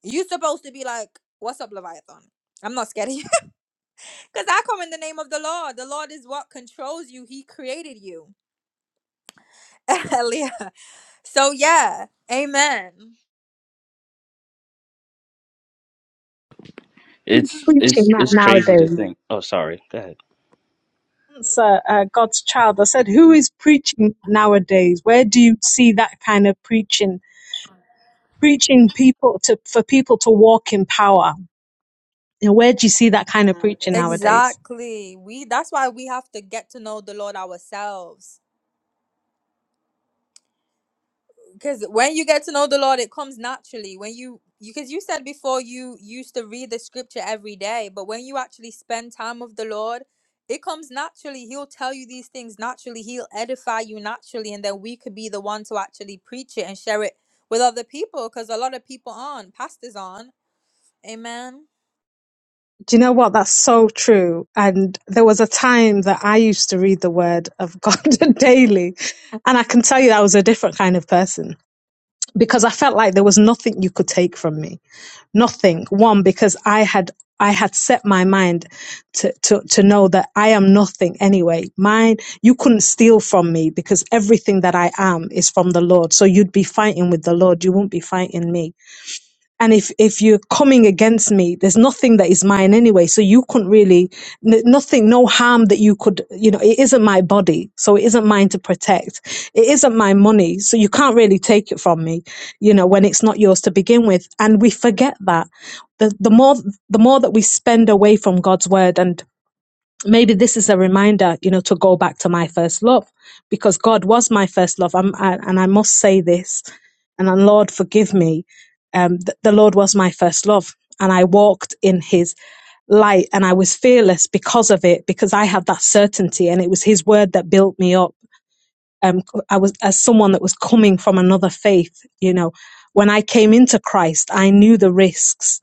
Speaker 2: You supposed to be like, "What's up, Leviathan? I'm not scared of you, <laughs> because I come in the name of the Lord. The Lord is what controls you. He created you, <laughs> Leah. So yeah, Amen.
Speaker 4: Who's
Speaker 3: It's it's
Speaker 4: preaching that
Speaker 3: it's crazy to
Speaker 4: nowadays?
Speaker 3: think. Oh, sorry. Go ahead.
Speaker 4: Answer, uh, God's child. I said, who is preaching nowadays? Where do you see that kind of preaching? Preaching people to for people to walk in power. You know, where do you see that kind of
Speaker 2: nowadays.
Speaker 4: preaching nowadays?
Speaker 2: Exactly. We that's why we have to get to know the Lord ourselves. because when you get to know the lord it comes naturally when you because you said before you used to read the scripture every day but when you actually spend time with the lord it comes naturally he'll tell you these things naturally he'll edify you naturally and then we could be the one to actually preach it and share it with other people because a lot of people aren't pastors aren't amen
Speaker 4: Do you know what? That's so true. And there was a time that I used to read the Word of God <laughs> daily, and I can tell you I was a different kind of person because I felt like there was nothing you could take from me nothing. One, because I had I had set my mind to, to, to know that I am nothing anyway. Mine, you couldn't steal from me because everything that I am is from the Lord. So you'd be fighting with the Lord. You wouldn't be fighting me and if if you're coming against me there's nothing that is mine anyway so you couldn't really n- nothing no harm that you could you know it isn't my body so it isn't mine to protect it isn't my money so you can't really take it from me you know when it's not yours to begin with and we forget that the the more the more that we spend away from God's word and maybe this is a reminder, you know, to go back to my first love because God was my first love. I'm, I, and I must say this, and then, Lord, forgive me. Um, th- the Lord was my first love. And I walked in his light and I was fearless because of it, because I had that certainty and it was his word that built me up. Um, c- I was as someone that was coming from another faith, you know, when I came into Christ, I knew the risks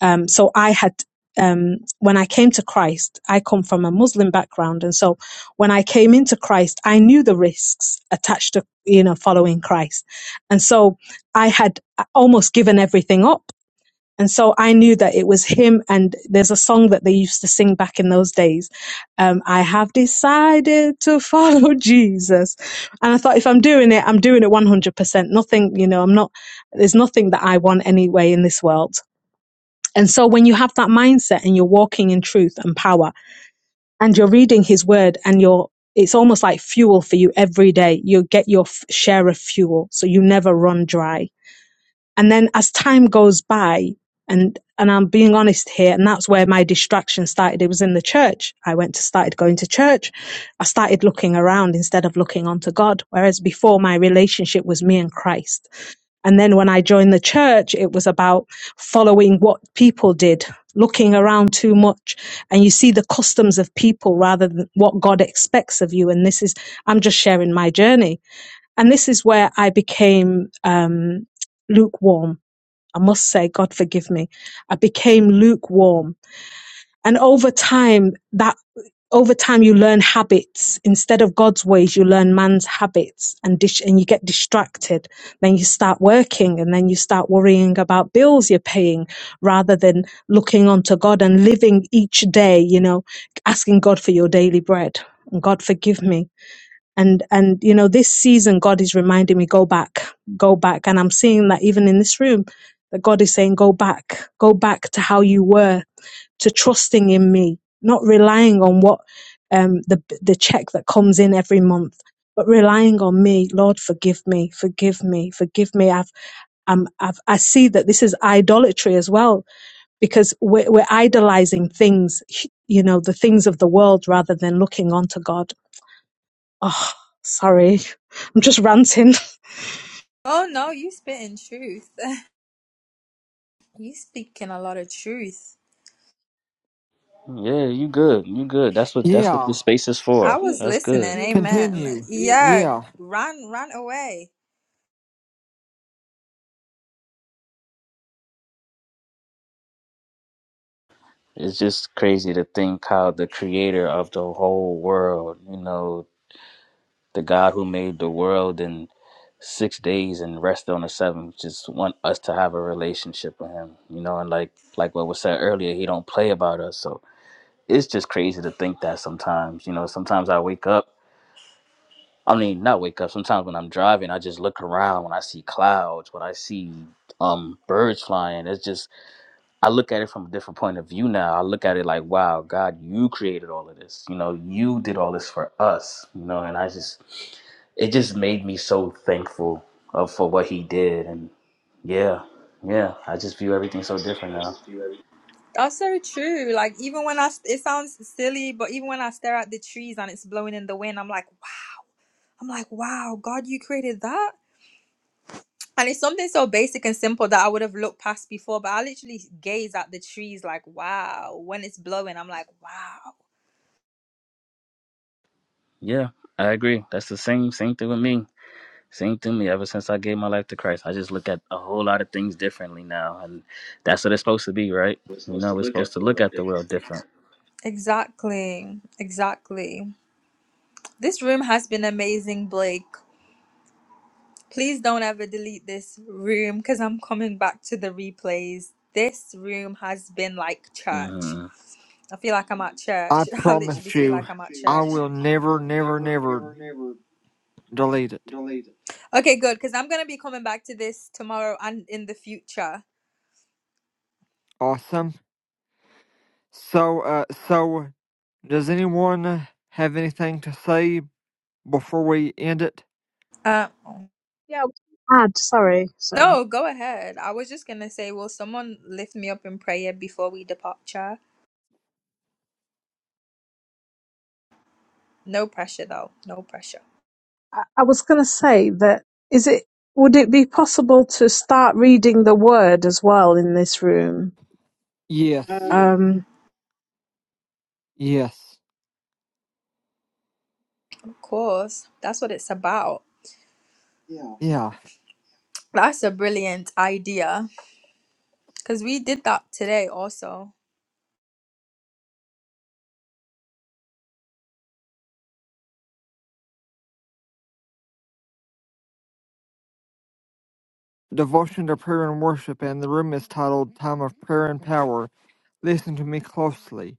Speaker 4: um, so I had, um, when I came to Christ, I come from a Muslim background. And so when I came into Christ, I knew the risks attached to, you know, following Christ. And so I had almost given everything up. And so I knew that it was him. And there's a song that they used to sing back in those days. Um, I have decided to follow <laughs> Jesus. And I thought, if I'm doing it, I'm doing it 100%. Nothing, you know, I'm not, there's nothing that I want anyway in this world. And so when you have that mindset and you're walking in truth and power and you're reading his word and you're it's almost like fuel for you every day. You get your f- share of fuel so you never run dry. And then as time goes by and and I'm being honest here and that's where my distraction started. It was in the church. I went to started going to church. I started looking around instead of looking onto God whereas before my relationship was me and Christ. And then when I joined the church, it was about following what people did, looking around too much. And you see the customs of people rather than what God expects of you. And this is, I'm just sharing my journey. And this is where I became um, lukewarm. I must say, God forgive me. I became lukewarm. And over time, that over time you learn habits instead of god's ways you learn man's habits and dish and you get distracted then you start working and then you start worrying about bills you're paying rather than looking onto god and living each day you know asking god for your daily bread and god forgive me and and you know this season god is reminding me go back go back and i'm seeing that even in this room that god is saying go back go back to how you were to trusting in me, not relying on what um, the the check that comes in every month, but relying on me. Lord, forgive me, forgive me, forgive me. I've um, I've I see that this is idolatry as well because we're, we're idolizing things, you know, the things of the world rather than looking onto God. Oh, sorry, <laughs> I'm just ranting.
Speaker 2: oh no you spitting truth <laughs> you speaking a lot of truth
Speaker 3: Yeah, you good. You good. That's what that's what
Speaker 1: Yeah,
Speaker 3: this space is
Speaker 2: i
Speaker 3: for.
Speaker 2: was
Speaker 3: That's
Speaker 2: listening
Speaker 3: good.
Speaker 2: amen
Speaker 1: continue.
Speaker 2: yeah
Speaker 1: Yeah,
Speaker 2: ran ran away
Speaker 3: It's just crazy to think how the creator of the whole world, you know, the God who made the world in six days and rested on the seventh, just want us to have a relationship with him. You know, and like like what was said earlier, he don't play about us. So it's just crazy to think that sometimes. You know, sometimes I wake up I mean not wake up, sometimes when I'm driving I just look around when I see clouds, when I see um birds flying. It's just I look at it from a different point of view now. I look at it like, wow, God, you created all of this. You know, you did all this for us. You know, and I just, it just made me so thankful of for what He did. And yeah, yeah, I just view everything so different now.
Speaker 2: That's so true. Like even when I, it sounds silly, but even when I stare at the trees and it's blowing in the wind, I'm like, "Wow." I'm like, wow, God, you created that. And it's something so basic and simple that I would have looked past before, but I literally gaze at the trees like, wow. When it's blowing, I'm like, wow.
Speaker 3: Yeah, I agree. That's the same same thing with me. Same thing with me ever since I gave my life to Christ. I just look at a whole lot of things differently now, and that's what it's supposed to be, right?
Speaker 2: We're
Speaker 3: You
Speaker 2: supposed
Speaker 3: know,
Speaker 2: to
Speaker 3: we're
Speaker 2: look
Speaker 3: supposed
Speaker 2: at
Speaker 3: to
Speaker 2: the
Speaker 3: look
Speaker 2: world
Speaker 3: at the
Speaker 2: different.
Speaker 3: world different.
Speaker 2: Exactly. Exactly. This room has been amazing, Blake. Please don't ever delete this room because I'm coming back to the replays. This room has been like church. I feel like I'm at
Speaker 1: I
Speaker 2: church. <laughs> I literally
Speaker 1: promise
Speaker 2: feel
Speaker 1: you,
Speaker 2: like I'm at
Speaker 1: I
Speaker 2: church.
Speaker 1: will
Speaker 2: I
Speaker 1: never,
Speaker 2: will
Speaker 1: never,
Speaker 2: never,
Speaker 1: never
Speaker 2: never, never
Speaker 1: delete it.
Speaker 2: delete it. Okay, good, because I'm gonna be coming back to this tomorrow and in the future.
Speaker 1: Awesome. So, uh, so does anyone have anything to say before we end it?
Speaker 2: Uh,
Speaker 4: Yeah, add. Sorry, sorry.
Speaker 2: no, go ahead. I was just gonna say, will someone lift me up in prayer before we departure? No pressure, though. No pressure.
Speaker 4: I I was going to say that is it would it be possible to start reading the word as well in this room?
Speaker 2: Um,
Speaker 1: Yes.
Speaker 2: yeah.
Speaker 4: Um,
Speaker 1: Yes.
Speaker 2: Of course, that's what it's about. Yeah.
Speaker 1: Yeah.
Speaker 2: That's a brilliant idea because we did that today also.
Speaker 1: devotion to prayer and worship, and the room is titled Time of Prayer and Power. Listen to me closely.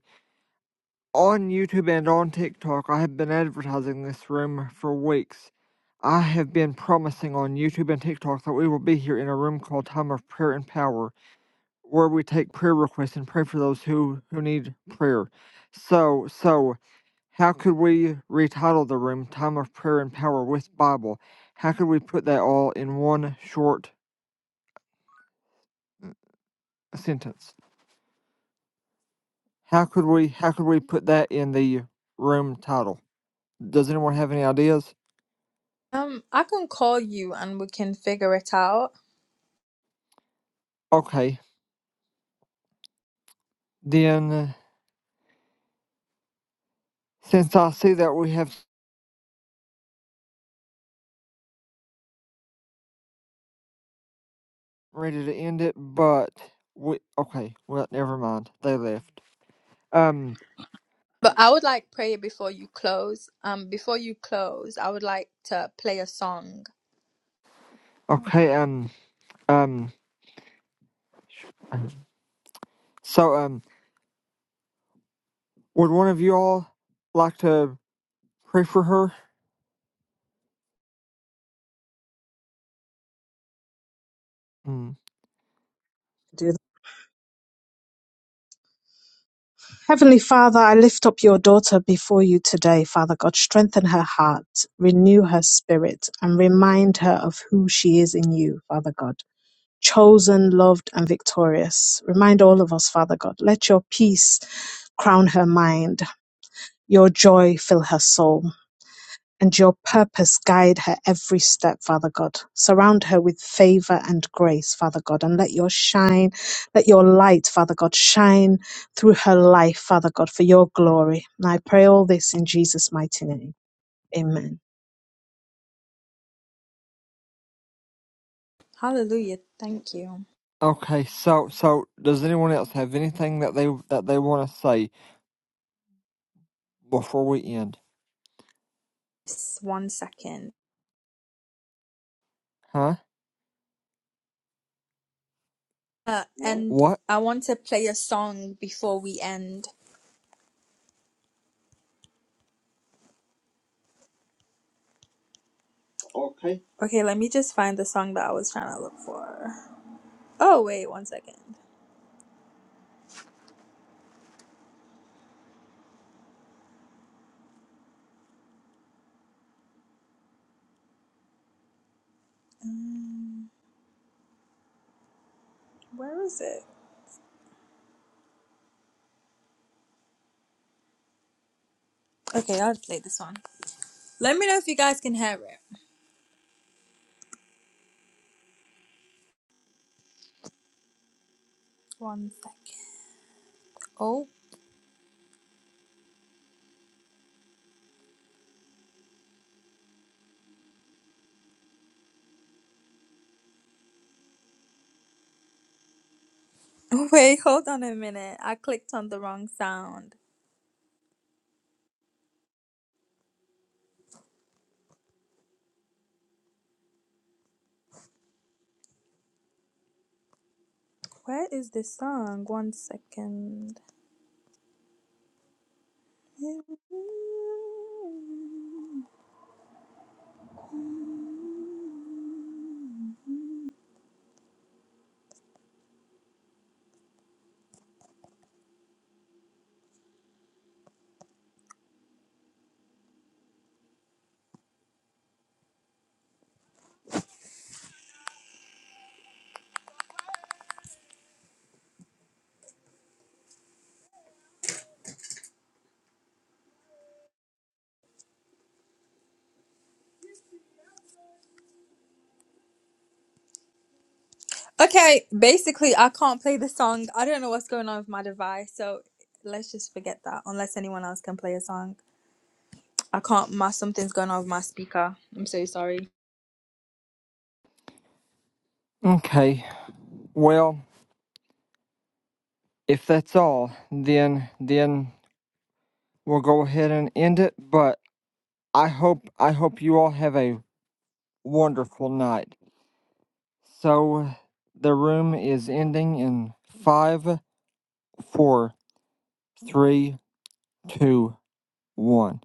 Speaker 1: On YouTube and on TikTok, I have been advertising this room for weeks. I have been promising on YouTube and TikTok that we will be here in a room called Time of Prayer and Power, where we take prayer requests and pray for those who, who need prayer. So, so, how could we retitle the room Time of Prayer and Power with Bible? How could we put that all in one short sentence? How could we how could we put that in the room title? Does anyone have any ideas?
Speaker 2: Um, I can call you and we can figure it out.
Speaker 1: Okay. Then uh, since I see that we have ready to end it, but we okay, well never mind. They left. Um
Speaker 2: But I would like pray before you close. Um, before you close, I would like to play a song.
Speaker 1: okay, um um so um would one of you all like to pray for her? Mm.
Speaker 4: do that. Heavenly Father, I lift up your daughter before you today, Father God. Strengthen her heart, renew her spirit, and remind her of who she is in you, Father God. Chosen, loved, and victorious. Remind all of us, Father God. Let your peace crown her mind, your joy fill her soul. and your purpose guide her every step, Father God. Surround her with favor and grace, Father God, and let your shine, let your light, Father God, shine through her life, Father God, for your glory. And I pray all this in Jesus' mighty name. Amen.
Speaker 2: Hallelujah. Thank you.
Speaker 1: Okay, so so does anyone else have anything that they that they want to say before we end?
Speaker 2: Just one second.
Speaker 1: Huh?
Speaker 2: Uh, and
Speaker 1: What?
Speaker 2: I want to play a song before we end. Okay. Okay, let me just find the song that I was trying to look for. Oh, wait, one second. Um, where is it? Okay, I'll play this one. Let me know if you guys can hear it. One second. Oh, <laughs> wait, hold on a minute. I clicked on the wrong sound. Where is the song? One second. Okay, basically, I can't play the song. I don't know what's going on with my device, so let's just forget that. Unless anyone else can play a song, I can't. My something's going on with my speaker. I'm so sorry.
Speaker 1: Okay. Well, If that's all, then then we'll go ahead and end it. But I hope I hope you all have a wonderful night. So the room is ending in five, four, three, two, one.